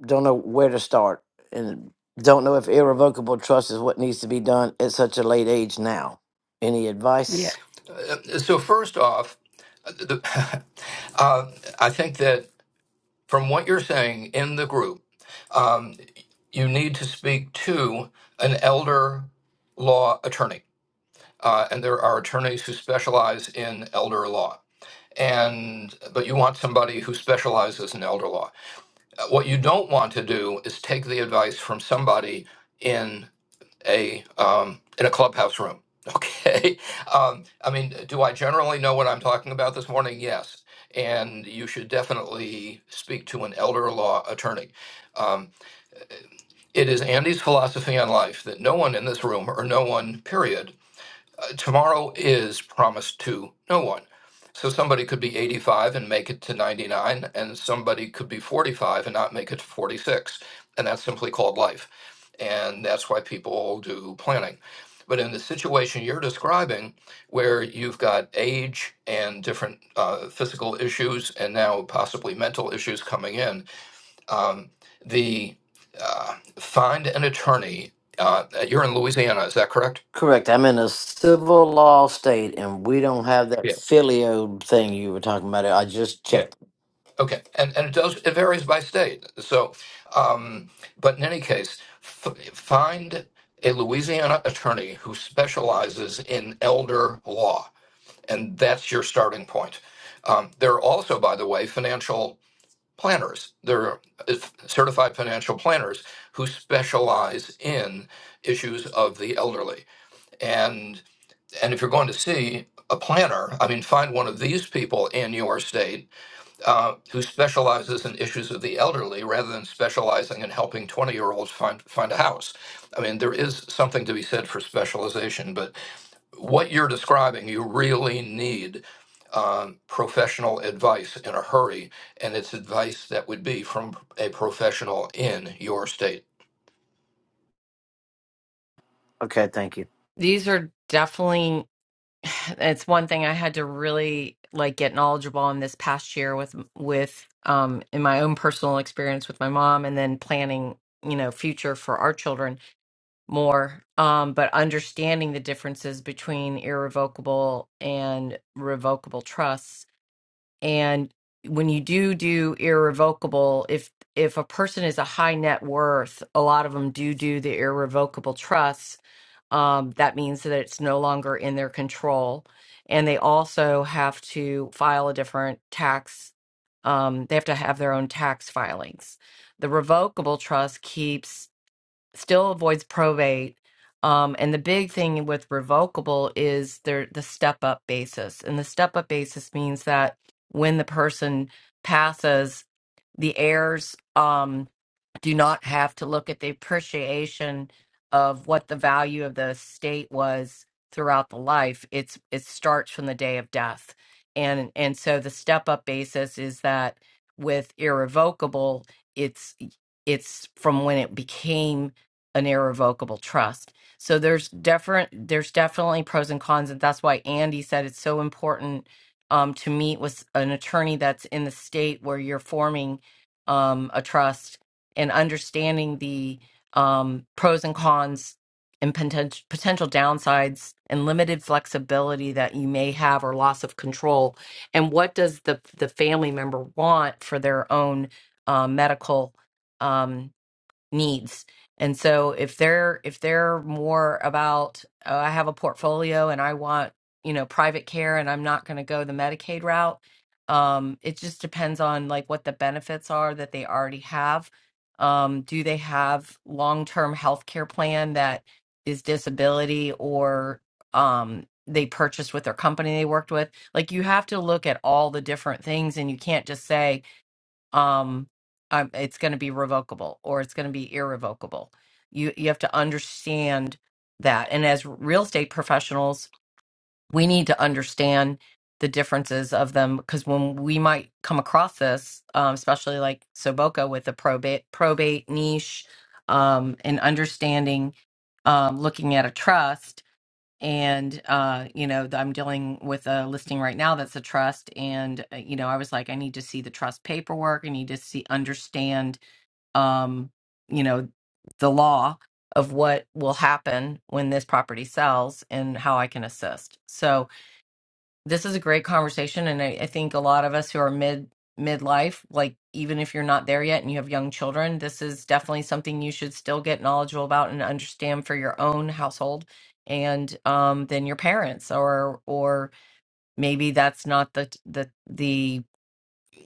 [SPEAKER 11] don't know where to start, and don't know if irrevocable trust is what needs to be done at such a late age now. Any
[SPEAKER 2] Yeah.
[SPEAKER 11] advice?
[SPEAKER 4] Uh, So first off, uh, the, uh, I think that from what you're saying in the group, um, you need to speak to an elder law attorney, uh, and there are attorneys who specialize in elder law. And but you want somebody who specializes in elder law. Uh, What you don't want to do is take the advice from somebody in a um, in a clubhouse room. Okay. Um, I mean, do I generally know what I'm talking about this morning? Yes. And you should definitely speak to an elder law attorney. Um, it is Andy's philosophy on life that no one in this room, or no one, period, uh, tomorrow is promised to no one. So somebody could be 85 and make it to 99, and somebody could be 45 and not make it to 46. And that's simply called life. And that's why people do planning. But in the situation you're describing, where you've got age and different uh, physical issues and now possibly mental issues coming in, um, the uh, find an attorney. Uh, you're in Louisiana, is that correct?
[SPEAKER 11] Correct. I'm in a civil law state, and we don't have that
[SPEAKER 4] Yeah.
[SPEAKER 11] filio thing you were talking about. I just checked.
[SPEAKER 4] Okay, and and it does it varies by state. So, um, but in any case, f- find a Louisiana attorney who specializes in elder law, and that's your starting point. Um, there are also, by the way, financial planners. There are uh, certified financial planners who specialize in issues of the elderly, and and if you're going to see a planner, I mean, find one of these people in your state uh, who specializes in issues of the elderly rather than specializing in helping 20 year olds find, find a house. I mean, there is something to be said for specialization, but what you're describing, you really need um, professional advice in a hurry, and it's advice that would be from a professional in your state.
[SPEAKER 11] Okay, thank you.
[SPEAKER 2] These are definitely. it's one thing I had to really like get knowledgeable on this past year with with um in my own personal experience with my mom and then planning, you know, future for our children more. Um, but understanding the differences between irrevocable and revocable trusts. And when you do do irrevocable, if if a person is a high net worth, a lot of them do do the irrevocable trusts um, that means that it's no longer in their control. And they also have to file a different tax, um, they have to have their own tax filings. The revocable trust keeps, still avoids probate. Um, and the big thing with revocable is their, the step up basis. And the step up basis means that when the person passes, the heirs. Um, do not have to look at the appreciation of what the value of the state was throughout the life it's it starts from the day of death and and so the step up basis is that with irrevocable it's it's from when it became an irrevocable trust so there's different there's definitely pros and cons and that's why andy said it's so important um, to meet with an attorney that's in the state where you're forming um, a trust and understanding the um, pros and cons and potential potential downsides and limited flexibility that you may have or loss of control and what does the the family member want for their own uh, medical um, needs. And so if they're if they're more about oh, I have a portfolio and I want, you know, private care and I'm not going to go the Medicaid route, um it just depends on like what the benefits are that they already have. Um do they have long-term health care plan that is disability or um they purchased with their company they worked with? Like you have to look at all the different things and you can't just say um um, it's going to be revocable or it's going to be irrevocable you you have to understand that and as real estate professionals we need to understand the differences of them because when we might come across this um, especially like soboka with the probate probate niche um, and understanding um, looking at a trust and uh you know i'm dealing with a listing right now that's a trust and uh, you know i was like i need to see the trust paperwork i need to see understand um you know the law of what will happen when this property sells and how i can assist so this is a great conversation and I, I think a lot of us who are mid midlife like even if you're not there yet and you have young children this is definitely something you should still get knowledgeable about and understand for your own household and um then your parents or or maybe that's not the the the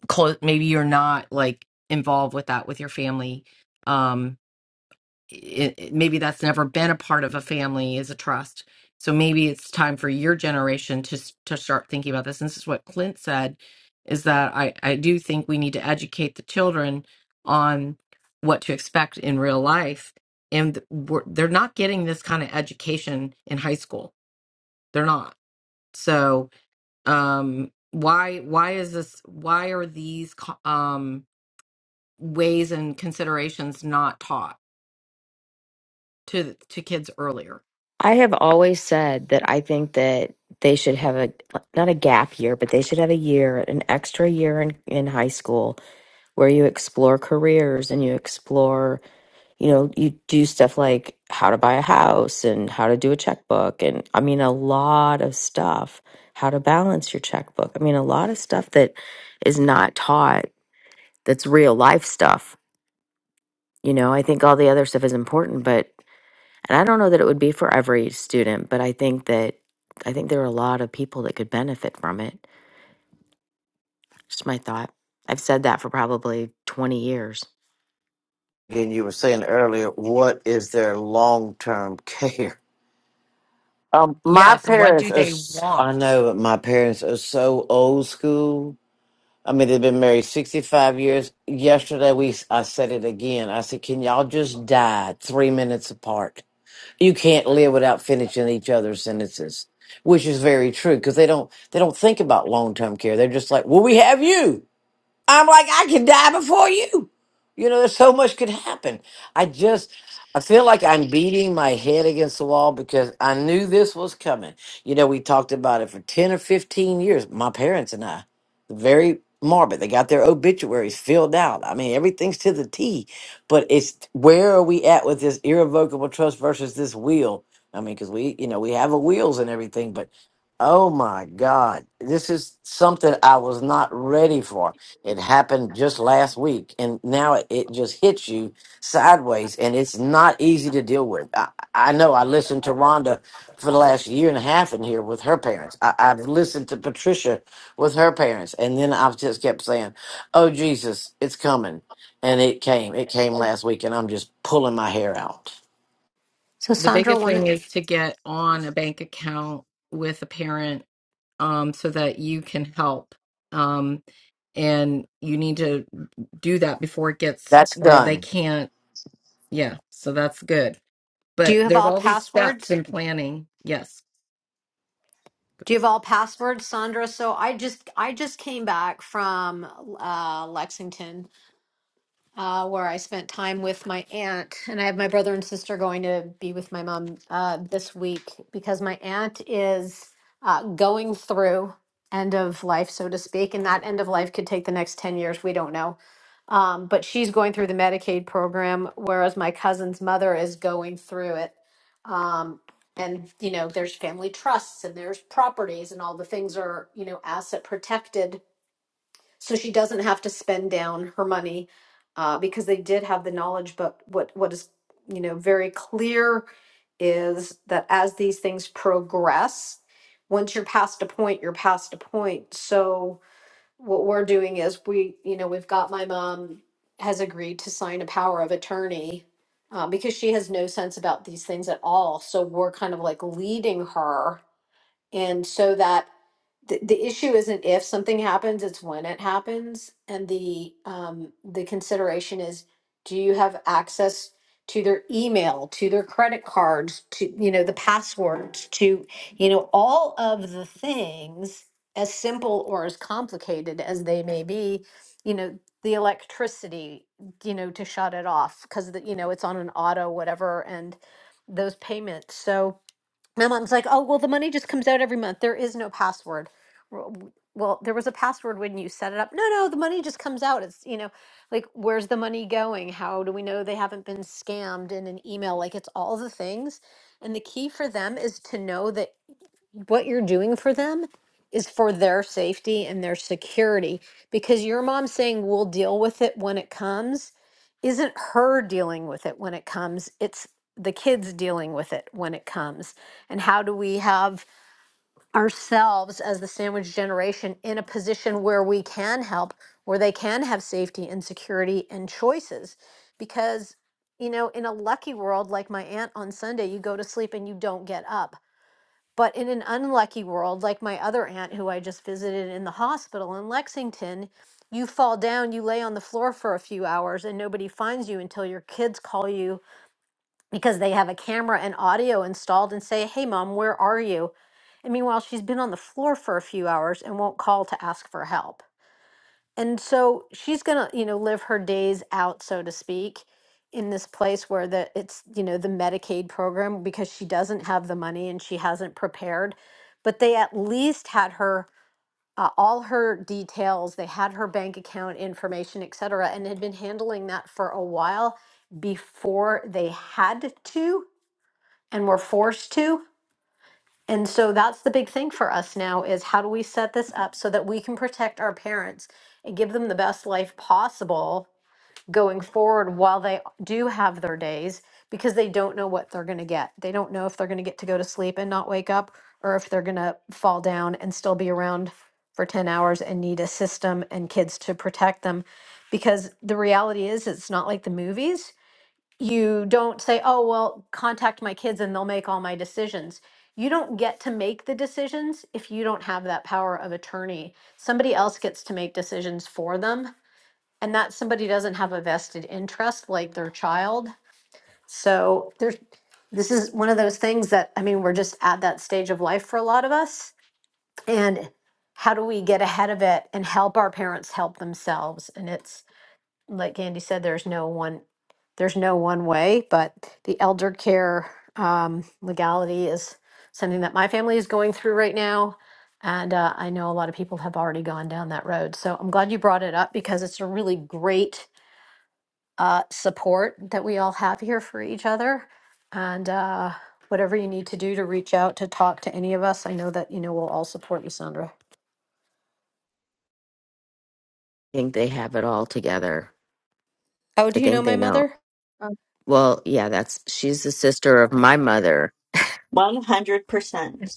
[SPEAKER 2] close maybe you're not like involved with that with your family Um, it, it- maybe that's never been a part of a family is a trust. So maybe it's time for your generation to s- to start thinking about this. And this is what Clint said, is that I I do think we need to educate the children on what to expect in real life, and we're, they're not getting this kind of education in high school. They're not. So um, why why is this? Why are these co- um, ways and considerations not taught to to kids earlier?
[SPEAKER 1] I have always said that I think that they should have a, not a gap year, but they should have a year, an extra year in, in high school where you explore careers and you explore you know, you do stuff like how to buy a house and how to do a checkbook. And I mean, a lot of stuff, how to balance your checkbook. I mean, a lot of stuff that is not taught that's real life stuff. You know, I think all the other stuff is important, but, and I don't know that it would be for every student, but I think that, I think there are a lot of people that could benefit from it. Just my thought. I've said that for probably 20 years. I
[SPEAKER 11] Again, you were saying earlier, what is their long term care? Um, my
[SPEAKER 2] Yes. What
[SPEAKER 11] parents
[SPEAKER 2] do
[SPEAKER 11] are.
[SPEAKER 2] they
[SPEAKER 11] s- I
[SPEAKER 2] want?
[SPEAKER 11] know, but my parents are so old school I mean, they've been married 65 years. Yesterday, we I said it again. I said, "Can y'all just die three minutes apart? You can't live without finishing each other's sentences," which is very true because they don't they don't think about long term care. They're just like, "Well, we have you." I'm like, I can die before you. You know, there's so much could happen. I just, I feel like I'm beating my head against the wall because I knew this was coming. You know, we talked about it for 10 or 15 years, my parents and I. Very morbid. They got their obituaries filled out. I mean, everything's to the T. But it's where are we at with this irrevocable trust versus this will? I mean, because we, you know, we have a wills and everything, but oh my God, this is something I was not ready for. It happened just last week, and now it, it just hits you sideways, and it's not easy to deal with. I, I know I listened to Rhonda for the last year and a half in here with her parents. I, I've listened to Patricia with her parents, and then I've just kept saying, Oh, Jesus, it's coming. And it came. It came last week, and I'm just pulling my hair out.
[SPEAKER 12] So
[SPEAKER 2] The
[SPEAKER 12] Sandra,
[SPEAKER 2] biggest
[SPEAKER 12] one,
[SPEAKER 2] thing is to get on a bank account with a parent um, so that you can help. Um, and you need to do that before it gets
[SPEAKER 11] That's
[SPEAKER 2] where they
[SPEAKER 11] done.
[SPEAKER 2] can't. Yeah. So that's good.
[SPEAKER 12] do
[SPEAKER 2] But
[SPEAKER 12] you have
[SPEAKER 2] there's
[SPEAKER 12] all
[SPEAKER 2] all these steps
[SPEAKER 12] passwords?
[SPEAKER 2] in planning. Yes.
[SPEAKER 12] Do you have all passwords, Sandra? So I just I just came back from uh, Lexington uh, where I spent time with my aunt, and I have my brother and sister going to be with my mom uh, this week because my aunt is uh, going through end of life, so to speak, and that end of life could take the next 10 years. We don't know. Um, but she's going through the Medicaid program, whereas my cousin's mother is going through it. Um, and, you know, there's family trusts and there's properties, and all the things are, you know, asset protected so she doesn't have to spend down her money uh, because they did have the knowledge but what what is you know very clear is that as these things progress once you're past a point you're past a point so what we're doing is we you know we've got my mom has agreed to sign a power of attorney uh, because she has no sense about these things at all so we're kind of like leading her and so that the, the issue isn't if something happens, it's when it happens. And the um, the consideration is do you have access to their email, to their credit cards, to you know, the passwords, to you know, all of the things as simple or as complicated as they may be, you know, the electricity, you know, to shut it off because you know, it's on an auto, whatever, and those payments. So my mom's like, oh, well, the money just comes out every month. There is no password. Well, well, there was a password when you set it up. No, no, the money just comes out. It's, you know, like, where's the money going? How do we know they haven't been scammed in an email? Like, it's all the things. And the key for them is to know that what you're doing for them is for their safety and their security because your mom saying we'll deal with it when it comes isn't her dealing with it when it comes it's the kids dealing with it when it comes and how do we have ourselves as the sandwich generation in a position where we can help where they can have safety and security and choices because you know in a lucky world like my aunt on sunday you go to sleep and you don't get up but in an unlucky world, like my other aunt who I just visited in the hospital in Lexington, you fall down, you lay on the floor for a few hours, and nobody finds you until your kids call you because they have a camera and audio installed and say, Hey, mom, where are you? And meanwhile, she's been on the floor for a few hours and won't call to ask for help. And so she's going to, you know, live her days out, so to speak, in this place where the it's, you know, the Medicaid program because she doesn't have the money and she hasn't prepared. But they at least had her uh, all her details, they had her bank account information, et cetera, and had been handling that for a while before they had to and were forced to. And so that's the big thing for us now is how do we set this up so that we can protect our parents and give them the best life possible going forward while they do have their days because they don't know what they're going to get. They don't know if they're going to get to go to sleep and not wake up or if they're going to fall down and still be around for 10 hours and need a system and kids to protect them because the reality is it's not like the movies you don't say, oh, well, contact my kids and they'll make all my decisions. You don't get to make the decisions if you don't have that power of attorney. Somebody else gets to make decisions for them, and that somebody doesn't have a vested interest like their child. So there's this is one of those things that I mean, we're just at that stage of life for a lot of us. And how do we get ahead of it and help our parents help themselves? And it's like Andy said, there's no one, there's no one way, but the elder care um, legality is something that my family is going through right now. And uh, I know a lot of people have already gone down that road. So I'm glad you brought it up because it's a really great uh, support that we all have here for each other. And uh, whatever you need to do to reach out to talk to any of us, I know that, you know, we'll all support you, Sandra.
[SPEAKER 1] think they have it all together.
[SPEAKER 12] Oh, do
[SPEAKER 1] I
[SPEAKER 12] you know
[SPEAKER 1] think
[SPEAKER 12] my
[SPEAKER 1] they know.
[SPEAKER 12] mother?
[SPEAKER 10] Um,
[SPEAKER 1] Well, yeah, that's she's the sister of my mother.
[SPEAKER 6] 100%.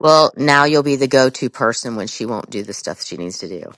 [SPEAKER 1] Well, now you'll be the go to person when she won't do the stuff she needs to do.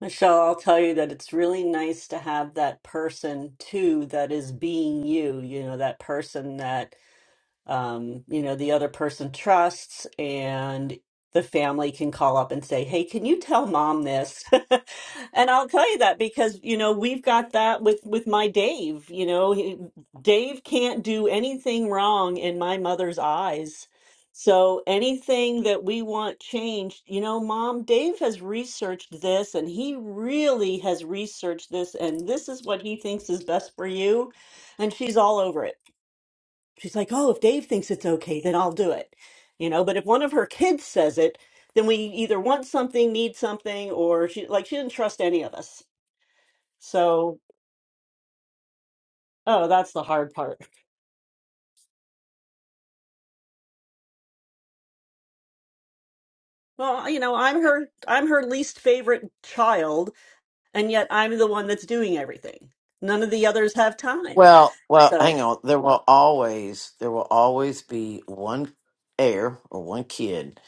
[SPEAKER 6] Michelle, I'll tell you that it's really nice to have that person too that is being you, you know, that person that um, you know, the other person trusts, and the family can call up and say, "Hey, can you tell mom this?" and I'll tell you that because you know we've got that with with my Dave. You know, he, Dave can't do anything wrong in my mother's eyes. So anything that we want changed, you know, mom, Dave has researched this and he really has researched this and this is what he thinks is best for you and she's all over it She's like, oh, if Dave thinks it's okay, then I'll do it. You know, but if one of her kids says it, then we either want something, need something, or she like she didn't trust any of us. So, oh, that's the hard part. Well, you know, I'm her I'm her least favorite child, and yet I'm the one that's doing everything. None of the others have time.
[SPEAKER 11] Well, well,
[SPEAKER 6] So,
[SPEAKER 11] hang on. There will always there will always be one heir or one kid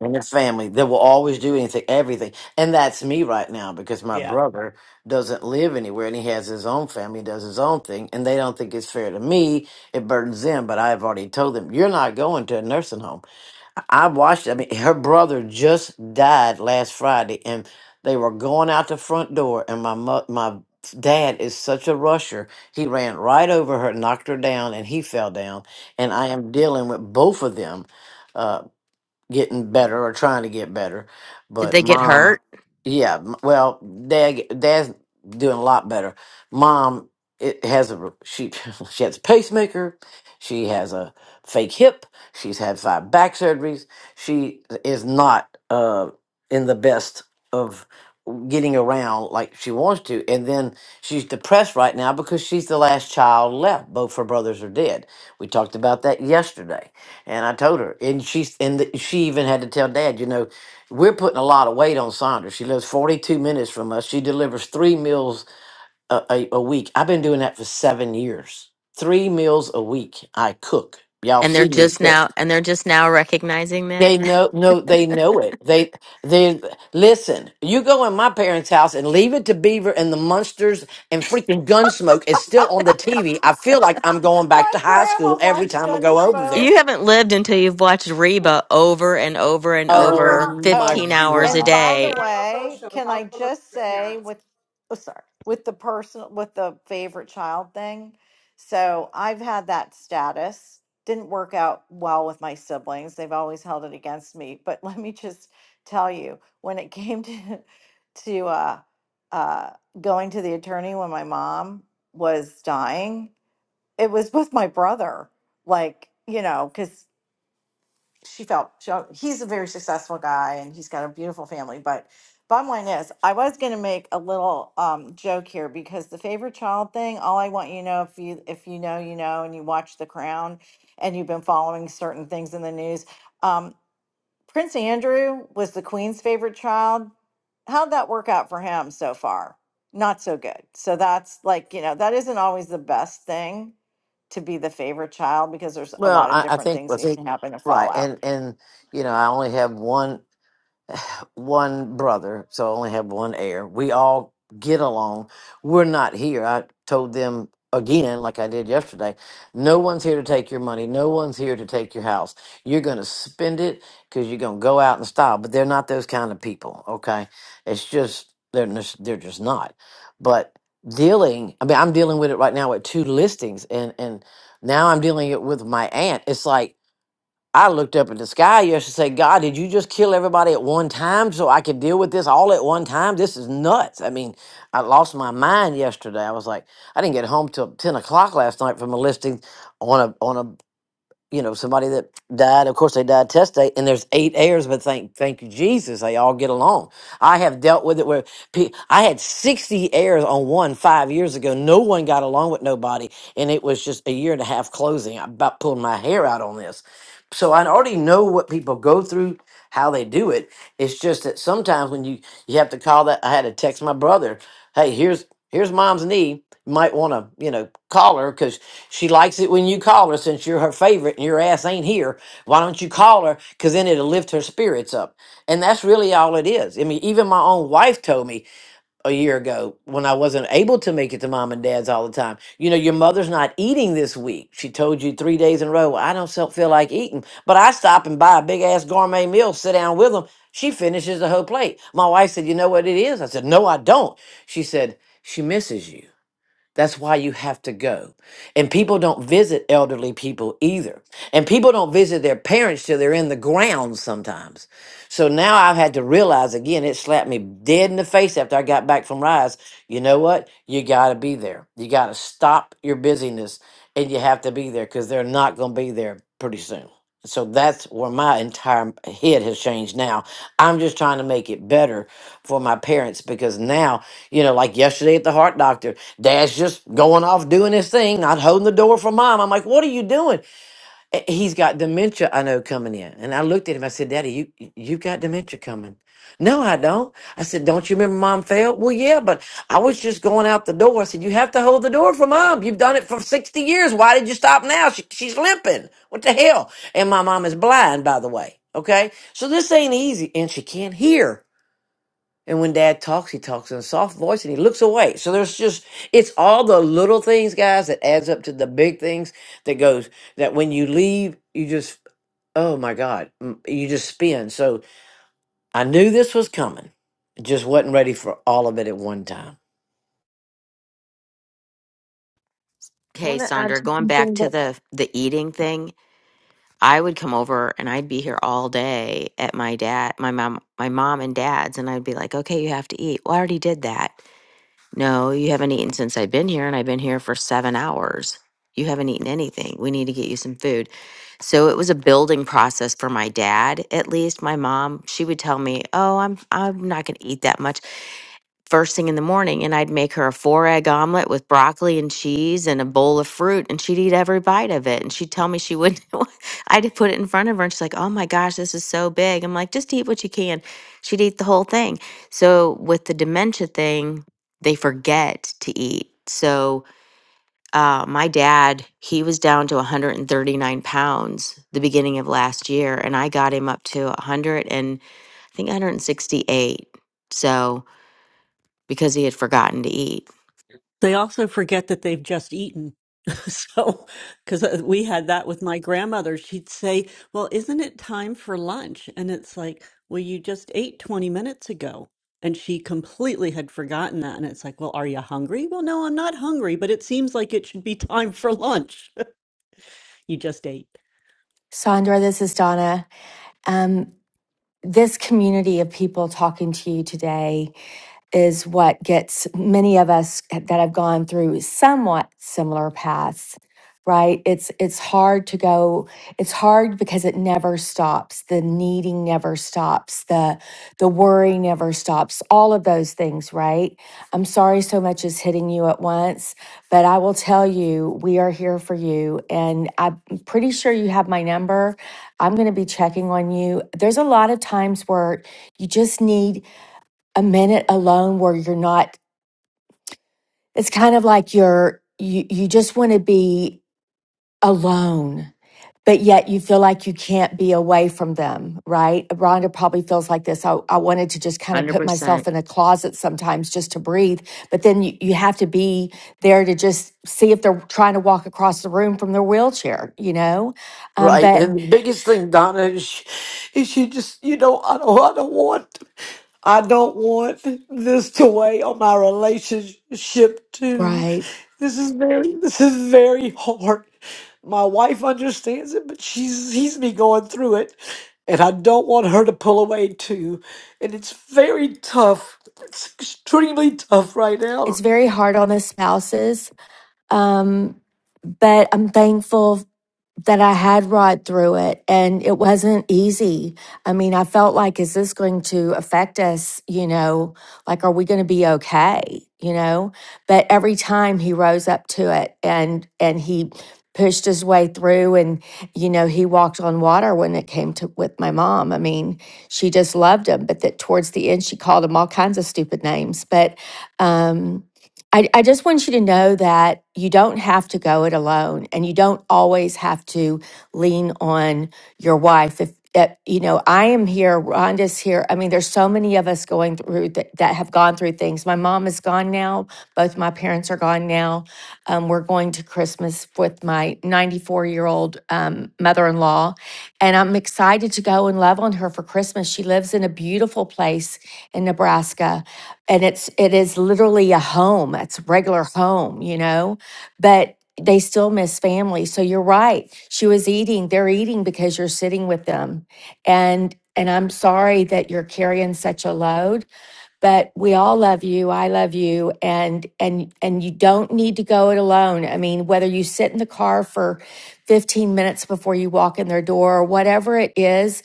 [SPEAKER 11] in the family that will always do anything, everything. And that's me right now because my
[SPEAKER 6] yeah.
[SPEAKER 11] brother doesn't live anywhere and he has his own family, does his own thing, and they don't think it's fair to me. It burdens them, but I've already told them, you're not going to a nursing home. I watched. I mean, her brother just died last Friday, and they were going out the front door, and my mo- my dad is such a rusher. He ran right over her, knocked her down, and he fell down. And I am dealing with both of them. uh, getting better or trying to get better.
[SPEAKER 1] Did
[SPEAKER 11] But
[SPEAKER 1] they get
[SPEAKER 11] mom,
[SPEAKER 1] hurt?
[SPEAKER 11] yeah, m- well, dad, dad's doing a lot better. Mom, it has a she she has a pacemaker. She has a fake hip. She's had five back surgeries. She is not uh in the best of getting around like she wants to and then she's depressed right now because she's the last child left both her brothers are dead we talked about that yesterday and I told her, and she and the, she even had to tell Dad, you know, we're putting a lot of weight on Saunders. She lives 42 minutes from us. She delivers three meals a, a, a week. I've been doing that for seven years. Three meals a week. I cook. Y'all
[SPEAKER 1] And they're
[SPEAKER 11] see me
[SPEAKER 1] just
[SPEAKER 11] cook.
[SPEAKER 1] now and they're just now recognizing that?
[SPEAKER 11] They know, no, they know it. They, they listen. You go in my parents' house and leave it to Beaver and the Munsters and freaking Gunsmoke is still on the TV. I feel like I'm going back to high school every
[SPEAKER 8] watch
[SPEAKER 11] time I go over
[SPEAKER 8] Gunsmoke.
[SPEAKER 11] there.
[SPEAKER 1] You haven't lived until you've watched Reba over and over and
[SPEAKER 11] Oh
[SPEAKER 1] over
[SPEAKER 13] Sandra,
[SPEAKER 11] my
[SPEAKER 8] Oh,
[SPEAKER 1] 15 hours
[SPEAKER 13] Sandra,
[SPEAKER 1] a
[SPEAKER 8] and
[SPEAKER 11] god!
[SPEAKER 8] by
[SPEAKER 13] Sandra,
[SPEAKER 8] the
[SPEAKER 1] day.
[SPEAKER 13] I love those
[SPEAKER 8] way,
[SPEAKER 13] shows.
[SPEAKER 8] can I
[SPEAKER 13] I'll go look at
[SPEAKER 8] just
[SPEAKER 13] your
[SPEAKER 8] say
[SPEAKER 13] parents.
[SPEAKER 8] with oh sorry, with the person with the favorite child thing. So I've had that status. Didn't work out well with my siblings. They've always held it against me. But let me just tell you, when it came to to uh uh going to the attorney when my mom was dying, it was with my brother. Like, you know, because she felt she, he's a very successful guy and he's got a beautiful family but bottom line is i was going to make a little um, joke here because the favorite child thing all i want you to know if you if you know you know and you watch the crown and you've been following certain things in the news um, prince andrew was the queen's favorite child how'd that work out for him so far not so good so that's like you know that isn't always the best thing to be the favorite child because there's a
[SPEAKER 11] Well,
[SPEAKER 8] lot of
[SPEAKER 11] I, I
[SPEAKER 8] different
[SPEAKER 11] think
[SPEAKER 8] things
[SPEAKER 11] I
[SPEAKER 8] that
[SPEAKER 11] think
[SPEAKER 8] can happen to
[SPEAKER 11] right,
[SPEAKER 8] fall out
[SPEAKER 11] and and you know, I only have one one brother, so I only have one heir. We all get along. We're not here. I told them again, like I did yesterday, no one's here to take your money. No one's here to take your house. You're going to spend it because you're going to go out in style. But they're not those kind of people, okay? It's just, they're, just- they're just not. But dealing, I mean, I'm dealing with it right now with two listings, and, and now I'm dealing it with my aunt. It's like, I looked up at the sky yesterday and said, God, did you just kill everybody at one time so I could deal with this all at one time? This is nuts. I mean, I lost my mind yesterday. I was like, I didn't get home till 10 o'clock last night from a listing on a, on a, you know, somebody that died. Of course, they died testate, and there's eight heirs, but thank, thank you, Jesus, they all get along. I have dealt with it where pe- I had 60 heirs on one five years ago. No one got along with nobody, and it was just a year and a half closing. I about pulled my hair out on this so I already know what people go through, how they do it. It's just that sometimes when you you have to call that, I had to text my brother, "Hey, here's here's mom's knee. You might want to you know call her because she likes it when you call her since you're her favorite and your ass ain't here. Why don't you call her? Because then it'll lift her spirits up. And that's really all it is. I mean, even my own wife told me a year ago when I wasn't able to make it to mom and dad's all the time. You know, your mother's not eating this week. She told you three days in a row, "Well, I don't so- feel like eating. But I stop and buy a big ass gourmet meal, sit down with them. She finishes the whole plate. My wife said, You know what it is? I said, No, I don't. She said, She misses you. That's why you have to go. And people don't visit elderly people either. And people don't visit their parents till they're in the ground sometimes. So now I've had to realize again, it slapped me dead in the face after I got back from Rise. You know what? You got to be there. You got to stop your busyness and you have to be there because they're not going to be there pretty soon. So that's where my entire head has changed now. I'm just trying to make it better for my parents because now, you know, like yesterday at the heart doctor. Dad's just going off doing his thing, not holding the door for mom. I'm like, what are you doing? "Eh, He's got dementia, I know, coming in. And I looked at him. I said, Daddy, you you you've got dementia coming. No, I don't. I said, Don't you remember mom failed? Well, yeah, but I was just going out the door. I said, You have to hold the door for mom. You've done it for 60 years. Why did you stop now? She, she's limping. What the hell? And my mom is blind, by the way. Okay. So this ain't easy. And she can't hear. And when dad talks, he talks in a soft voice and he looks away. So there's just it's all the little things, guys, that adds up to the big things that goes that when you leave, you just oh my God, m- you just spin. So I knew this was coming. Just wasn't ready for all of it at one time.
[SPEAKER 10] I
[SPEAKER 1] Okay,
[SPEAKER 10] want to add
[SPEAKER 1] Sandra,
[SPEAKER 10] to
[SPEAKER 1] going back
[SPEAKER 10] something
[SPEAKER 1] to
[SPEAKER 10] that
[SPEAKER 1] the the eating thing, I would come over and I'd be here all day at my dad, my mom, my mom and dad's and I'd be like, "Okay, you have to eat." Well, I already did that. No, you haven't eaten since I've been here, and I've been here for seven hours. You haven't eaten anything. We need to get you some food. So it was a building process for my dad, at least. My mom, she would tell me, Oh, I'm I'm not gonna eat that much first thing in the morning. And I'd make her a four egg omelet with broccoli and cheese and a bowl of fruit, and she'd eat every bite of it. And she'd tell me she wouldn't I'd put it in front of her and she's like, Oh my gosh, this is so big. I'm like, just eat what you can. She'd eat the whole thing. So with the dementia thing they forget to eat. So, uh, my dad, he was down to 139 pounds the beginning of last year, and I got him up to 100 and I think 168. So, because he had forgotten to eat.
[SPEAKER 6] They also forget that they've just eaten. So, because we had that with my grandmother, she'd say, Well, isn't it time for lunch? And it's like, Well, you just ate 20 minutes ago. And she completely had forgotten that. And it's like, Well, are you hungry? Well, no, I'm not hungry, but it seems like it should be time for lunch you just ate.
[SPEAKER 14] Sandra, this is Donna. Um, this community of people talking to you today is what gets many of us that have gone through somewhat similar paths right it's it's hard to go it's hard because it never stops the needing never stops the the worry never stops all of those things right i'm sorry so much is hitting you at once but i will tell you we are here for you and i'm pretty sure you have my number i'm going to be checking on you there's a lot of times where you just need a minute alone where you're not it's kind of like you're you you just want to be alone but yet you feel like you can't be away from them right rhonda probably feels like this i, I wanted to just kind of put
[SPEAKER 1] 100%.
[SPEAKER 14] myself in a closet sometimes just to breathe but then you, you have to be there to just see if they're trying to walk across the room from their wheelchair you know um,
[SPEAKER 11] Right,
[SPEAKER 14] but
[SPEAKER 11] and the biggest thing, Donna, is she, is she just you know I don't I don't want I don't want this to weigh on my relationship too.
[SPEAKER 14] right
[SPEAKER 11] This is very this is very hard. My wife understands it, but she's sees me going through it, and I don't want her to pull away too. And it's very tough. It's extremely tough right
[SPEAKER 14] it's
[SPEAKER 11] now.
[SPEAKER 14] very hard on the spouses um, but I'm thankful that I had ride through it and it wasn't easy. I mean, I felt like, is this going to affect us? You know, like, are we going to be okay? You know, but every time he rose up to it and, and he pushed his way through and, you know, he walked on water when it came to with my mom. I mean, she just loved him, but that towards the end, she called him all kinds of stupid names. But, um, I, I just want you to know that you don't have to go it alone and you don't always have to lean on your wife. If, if you know, I am here, Rhonda's here. I mean, there's so many of us going through that, that have gone through things. My mom is gone now. Both my parents are gone now. Um, we're going to Christmas with my 94 year old um, mother in law. And I'm excited to go and love on her for Christmas. She lives in a beautiful place in Nebraska and it's it is literally a home it's a regular home you know but they still miss family so you're right she was eating they're eating because you're sitting with them and and i'm sorry that you're carrying such a load but we all love you i love you and and and you don't need to go it alone i mean whether you sit in the car for 15 minutes before you walk in their door or whatever it is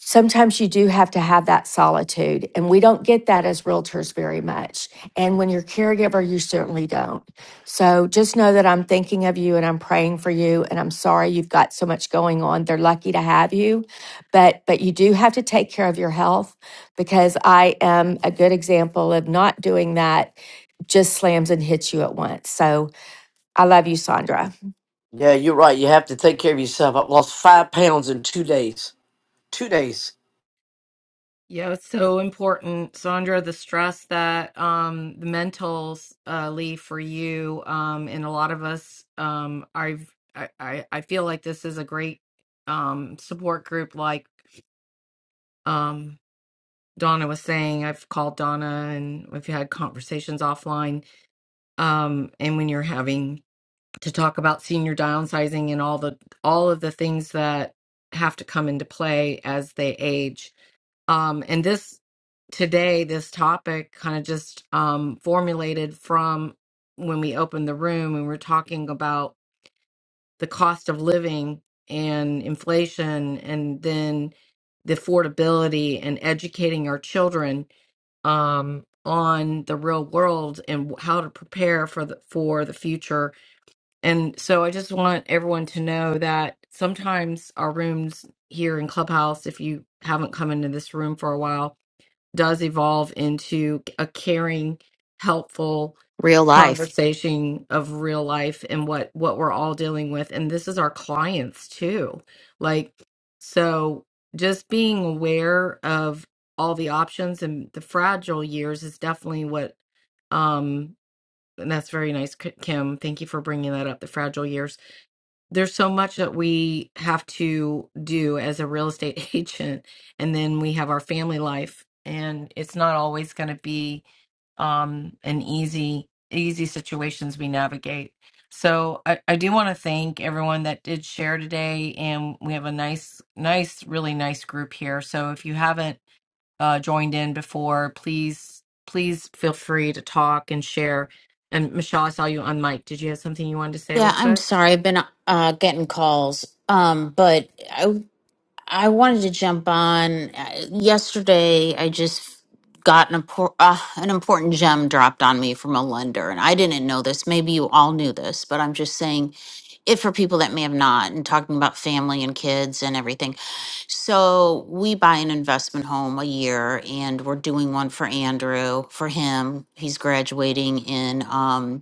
[SPEAKER 14] sometimes you do have to have that solitude and we don't get that as realtors very much and when you're a caregiver you certainly don't so just know that i'm thinking of you and i'm praying for you and i'm sorry you've got so much going on they're lucky to have you but but you do have to take care of your health because i am a good example of not doing that just slams and hits you at once so i love you sandra
[SPEAKER 11] Yeah, you're right. You have to take care of yourself. I've lost five pounds in two days. Two days
[SPEAKER 2] Yeah, it's so important, Sandra, the stress that um the mentals uh leave for you um and a lot of us um I've I I I feel like this is a great um support group like um Donna was saying. I've called Donna and we've had conversations offline um and when you're having to talk about senior downsizing and all the all of the things that have to come into play as they age um, and this today, this topic kind of just um, formulated from when we opened the room and we are talking about the cost of living and inflation and then the affordability and educating our children um, on the real world and how to prepare for the for the future. And so I just want everyone to know that sometimes our rooms here in Clubhouse, if you haven't come into this room for a while, does evolve into a caring, helpful
[SPEAKER 1] Real life.
[SPEAKER 2] conversation of real life and what what we're all dealing with and this is our clients too. Like so just being aware of all the options and the fragile years is definitely what um and that's very nice K- Kim. Thank you for bringing that up the fragile years there's so much that we have to do as a real estate agent and then we have our family life and it's not always going to be um an easy easy situations we navigate so i, I do want to thank everyone that did share today and we have a nice nice really nice group here so if you haven't uh joined in before please please feel free to talk and share and michelle i saw you on mic did you have something you wanted to say real
[SPEAKER 15] Yeah, I'm
[SPEAKER 2] quick
[SPEAKER 15] sorry. I've been uh, getting calls, um, but I I wanted to jump on. Uh, Yesterday, I just got an impor- uh, an important gem dropped on me from a lender, and I didn't know this. Maybe you all knew this, but I'm just saying it for people that may have not. And talking about family and kids and everything. So we buy an investment home a year, and we're doing one for Andrew for him. He's graduating in. Um,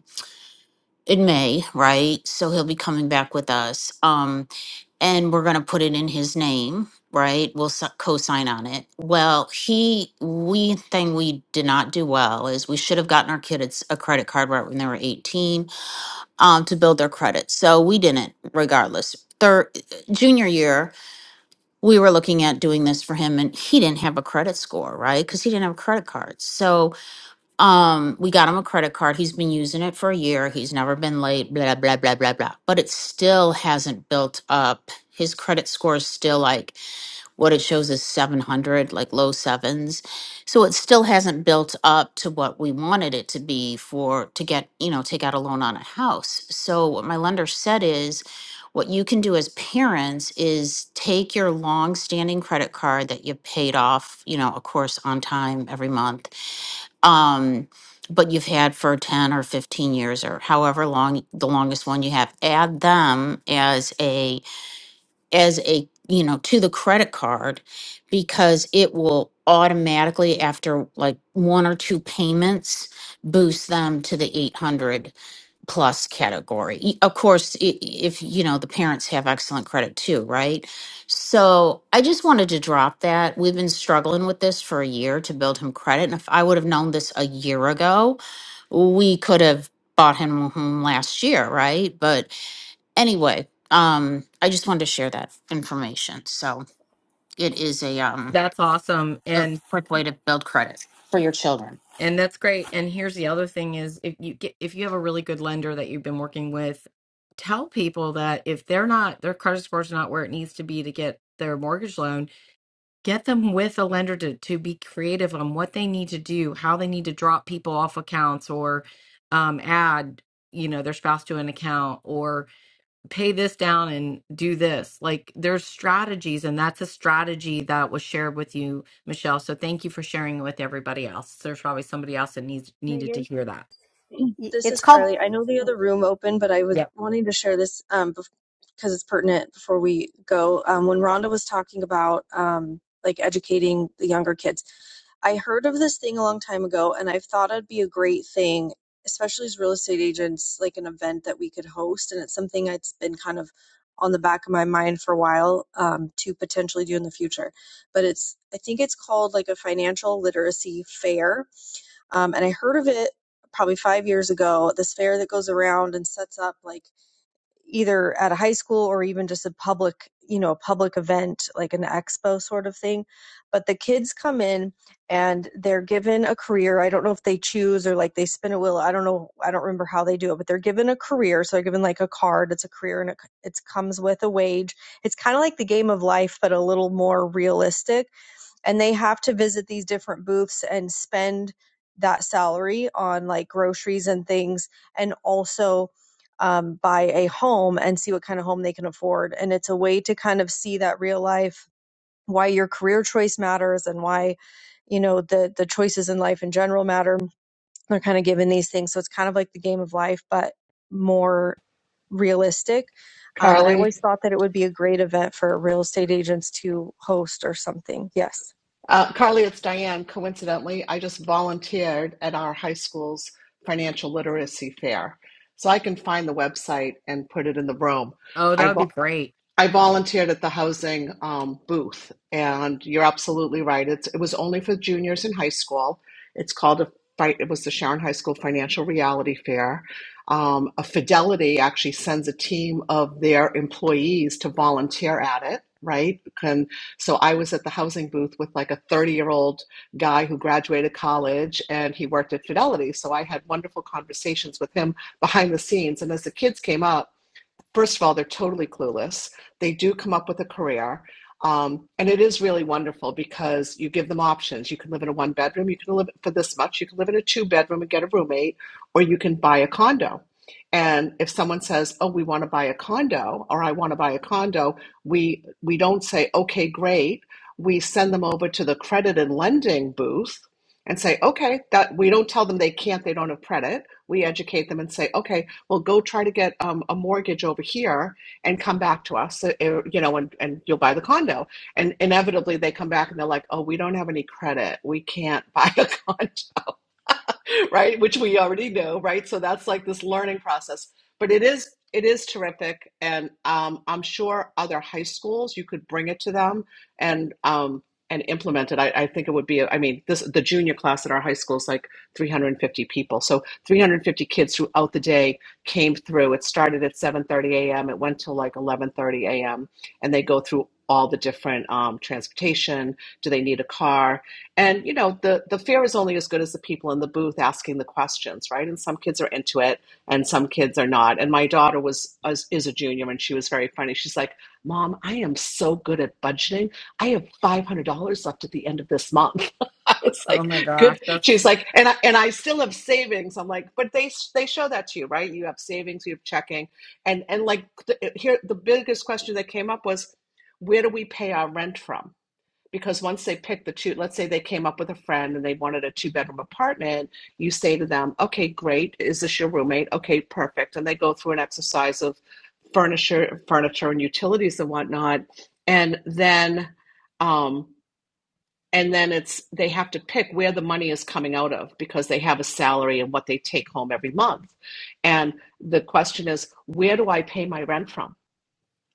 [SPEAKER 15] in May, right? So he'll be coming back with us. Um, and we're going to put it in his name, right? We'll s- co-sign on it. Well, he, we thing we did not do well is we should have gotten our kids a credit card right when they were 18 um, to build their credit. So we didn't, regardless. Third, junior year, we were looking at doing this for him and he didn't have a credit score, right? Because he didn't have a credit card. So um, we got him a credit card. He's been using it for a year. He's never been late, blah, blah, blah, blah, blah. But it still hasn't built up. His credit score is still like what it shows is 700, like low sevens. So it still hasn't built up to what we wanted it to be for to get, you know, take out a loan on a house. So what my lender said is what you can do as parents is take your long standing credit card that you paid off, you know, of course, on time every month um, but you've had for 10 or 15 years or however long the longest one you have add them as a as a you know to the credit card because it will automatically after like one or two payments boost them to the 800 plus category. Y- Of course, i- if you know the parents have excellent credit too, right? So I just wanted to drop that. We've been struggling with this for a year to build him credit, and if I would have known this a year ago, we could have bought him home last year, right? But anyway, um, I just wanted to share that information. So it is a um
[SPEAKER 2] That's awesome.
[SPEAKER 15] a
[SPEAKER 2] And
[SPEAKER 15] quick way to build credit for your children.
[SPEAKER 2] and that's great. And here's the other thing is if you get if you have a really good lender that you've been working with, tell people that if they're not their credit score's not where it needs to be to get their mortgage loan, get them with a lender to to be creative on what they need to do, how they need to drop people off accounts or um add, you know, their spouse to an account pay this down and do this. Like there's strategies, and that's a strategy that was shared with you, Michelle. So thank you for sharing it with everybody else. There's probably somebody else that needs needed to
[SPEAKER 10] Megan,
[SPEAKER 2] hear that.
[SPEAKER 12] Y-
[SPEAKER 10] this
[SPEAKER 12] It's
[SPEAKER 10] is
[SPEAKER 12] called
[SPEAKER 10] Carly. I know the other room open, but I was
[SPEAKER 2] Yep.
[SPEAKER 10] wanting to share this um, because it's pertinent before we go. Um, when Rhonda was talking about um, like educating the younger kids, I heard of this thing a long time ago, and I've thought it'd be a great thing, especially as real estate agents, like an event that we could host. And it's something that's been kind of on the back of my mind for a while um, to potentially do in the future. But it's, I think it's called like a financial literacy fair. Um, and I heard of it probably five years ago, this fair that goes around and sets up like either at a high school or even just a public, you know, a public event like an expo sort of thing. But the kids come in and they're given a career. I don't know if they choose or like they spin a wheel. I don't know. I don't remember how they do it, but they're given a career. So they're given like a card. It's a career and it, it comes with a wage. It's kind of like the game of life, but a little more realistic and they have to visit these different booths and spend that salary on like groceries and things and also um, buy a home and see what kind of home they can afford and it's a way to kind of see that real life why your career choice matters and why you know the the choices in life in general matter they're kind of given these things so it's kind of like the game of life but more realistic um, and i
[SPEAKER 13] Carly,
[SPEAKER 10] always thought that it would be a great event for real estate agents to host or something yes
[SPEAKER 13] uh, Carly, it's Diane. Coincidentally, I just volunteered at our high school's financial literacy fair, so I can find the website and put it in the room.
[SPEAKER 2] Oh, that
[SPEAKER 13] I
[SPEAKER 2] would be great.
[SPEAKER 13] I volunteered at the housing um, booth, and you're absolutely right. It's, it was only for juniors in high school. It's called a fi- it was the Sharon High School Financial Reality Fair. Um, a Fidelity actually sends a team of their employees to volunteer at it. Right, and so I was at the housing booth with like a 30 year old guy who graduated college and he worked at Fidelity. So I had wonderful conversations with him behind the scenes. And as the kids came up, first of all, they're totally clueless. They do come up with a career. Um, and it is really wonderful because you give them options. You can live in a one bedroom, you can live for this much, you can live in a two bedroom and get a roommate, or you can buy a condo. And if someone says, "Oh, we want to buy a condo," or "I want to buy a condo," we we don't say, "Okay, great." We send them over to the credit and lending booth and say, "Okay, that." We don't tell them they can't, they don't have credit. We educate them and say, "Okay, well, go try to get um, a mortgage over here and come back to us, uh, uh, you know, and, and you'll buy the condo. And inevitably they come back and they're like, oh, we don't have any credit. We can't buy a condo. right? Which we already know, right? So that's like this learning process. But it is it is terrific, and um, I'm sure other high schools you could bring it to them and um, and implement it. I, I think it would be. I mean, this the junior class at our high school is like 350 people, so 350 kids throughout the day came through. It started at 7:30 a.m. It went till like 11:30 a.m. and they go through all the different um, transportation. Do they need a car? And you know, the the fear is only as good as the people in the booth asking the questions, right? And some kids are into it, and some kids are not. And my daughter was is a junior, and she was very funny. She's like, "Mom, I am so good at budgeting. I have five hundred dollars left at the end of this month." I was
[SPEAKER 2] Oh
[SPEAKER 13] like,
[SPEAKER 2] my gosh,
[SPEAKER 13] "Good." She's
[SPEAKER 2] that's
[SPEAKER 13] like, "And I, and I still have savings." I'm like, "But they they show that to you, right? You have savings, you have checking, and and like the, here the biggest question that came up was, where do we pay our rent from?" because once they pick the two, let's say they came up with a friend and they wanted a two bedroom apartment, you say to them, okay, great. Is this your roommate? Okay, perfect. And they go through an exercise of furniture, furniture and utilities and whatnot. And then, um, and then it's they have to pick where the money is coming out of because they have a salary and what they take home every month. And the question is, where do I pay my rent from?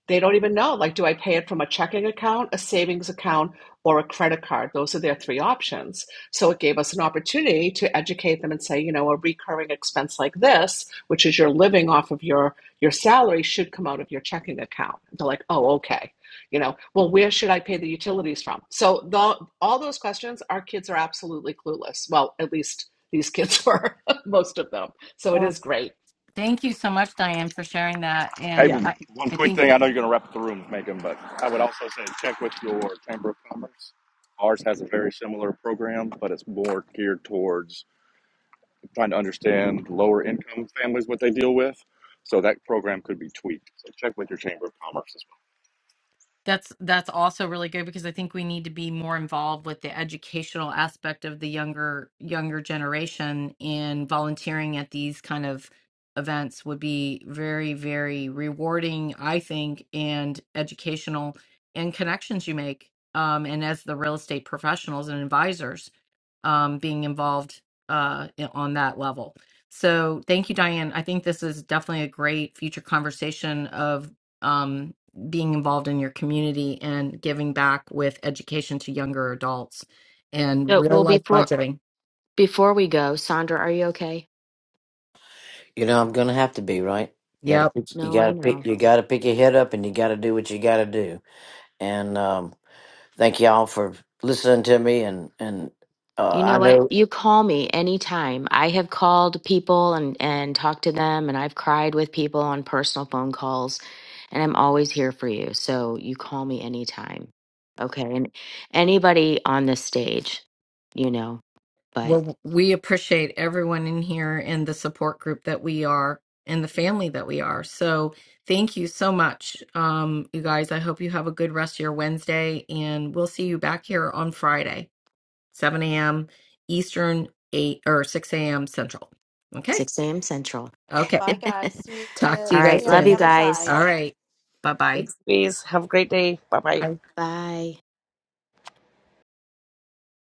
[SPEAKER 13] They don't even know. Like, do I pay it from a checking account, a savings account, or a credit card? Those are their three options. So it gave us an opportunity to educate them and say, you know, a recurring expense like this, which is you're living off of your your salary, should come out of your checking account. They're like, oh, okay. You know, well, where should I pay the utilities from? So the, all those questions, our kids are absolutely clueless. Well, at least these kids were, most of them. So it
[SPEAKER 2] well.
[SPEAKER 13] is great.
[SPEAKER 2] Thank you so much, Diane, for sharing that.
[SPEAKER 13] Yeah.
[SPEAKER 7] Hey,
[SPEAKER 2] And
[SPEAKER 7] w-
[SPEAKER 2] I,
[SPEAKER 7] one
[SPEAKER 2] I
[SPEAKER 7] quick
[SPEAKER 2] think
[SPEAKER 7] thing. I know you're going to wrap up the room, Megan, but I would also say check with your Chamber of Commerce. Ours has a very similar program, but it's more geared towards trying to understand lower income families what they deal with. So that program could be tweaked. So check with your Chamber of Commerce.
[SPEAKER 2] That's that's also really good because I think we need to be more involved with the educational aspect of the younger younger generation and volunteering at these kind of events would be very very rewarding I think and educational and connections you make um and as the real estate professionals and advisors um being involved uh in- on that level. So thank you Diane. I think this is definitely a great future conversation of um, being involved in your community and giving back with education to younger adults and
[SPEAKER 1] So,
[SPEAKER 2] real
[SPEAKER 1] well,
[SPEAKER 2] life
[SPEAKER 1] before
[SPEAKER 2] budgeting.
[SPEAKER 1] before we go, Sandra, are you okay?
[SPEAKER 11] You know, I'm gonna have to be right. You gotta
[SPEAKER 2] Yep.
[SPEAKER 11] pick, you
[SPEAKER 1] No, I
[SPEAKER 11] gotta
[SPEAKER 1] know.
[SPEAKER 11] pick, you gotta pick your head up, and you gotta do what you gotta do. And um, thank y'all for listening to me. And and uh,
[SPEAKER 1] You
[SPEAKER 11] I
[SPEAKER 1] know what?
[SPEAKER 11] know
[SPEAKER 1] You call me anytime. I have called people and, and talked to them, and I've cried with people on personal phone calls, and I'm always here for you. So you call me anytime. Okay. And anybody on this stage, you know, but
[SPEAKER 2] Well, we appreciate everyone in here and the support group that we are and the family that we are. So thank you so much, um, you guys. I hope you have a good rest of your Wednesday, and we'll see you back here on Friday, 7 a.m. Eastern, 8 or 6 a.m. Central. Okay.
[SPEAKER 1] 6 a.m. Central.
[SPEAKER 2] Okay.
[SPEAKER 1] All
[SPEAKER 8] Bye, guys. See
[SPEAKER 2] Talk to
[SPEAKER 8] you,
[SPEAKER 2] you guys
[SPEAKER 8] see
[SPEAKER 1] right.
[SPEAKER 8] you on
[SPEAKER 1] Love
[SPEAKER 8] the
[SPEAKER 1] you
[SPEAKER 2] soon.
[SPEAKER 8] other
[SPEAKER 1] guys.
[SPEAKER 8] side.
[SPEAKER 2] All right. Bye-bye.
[SPEAKER 16] Thanks, Please have a great day. Bye bye.
[SPEAKER 2] Bye.
[SPEAKER 1] Bye.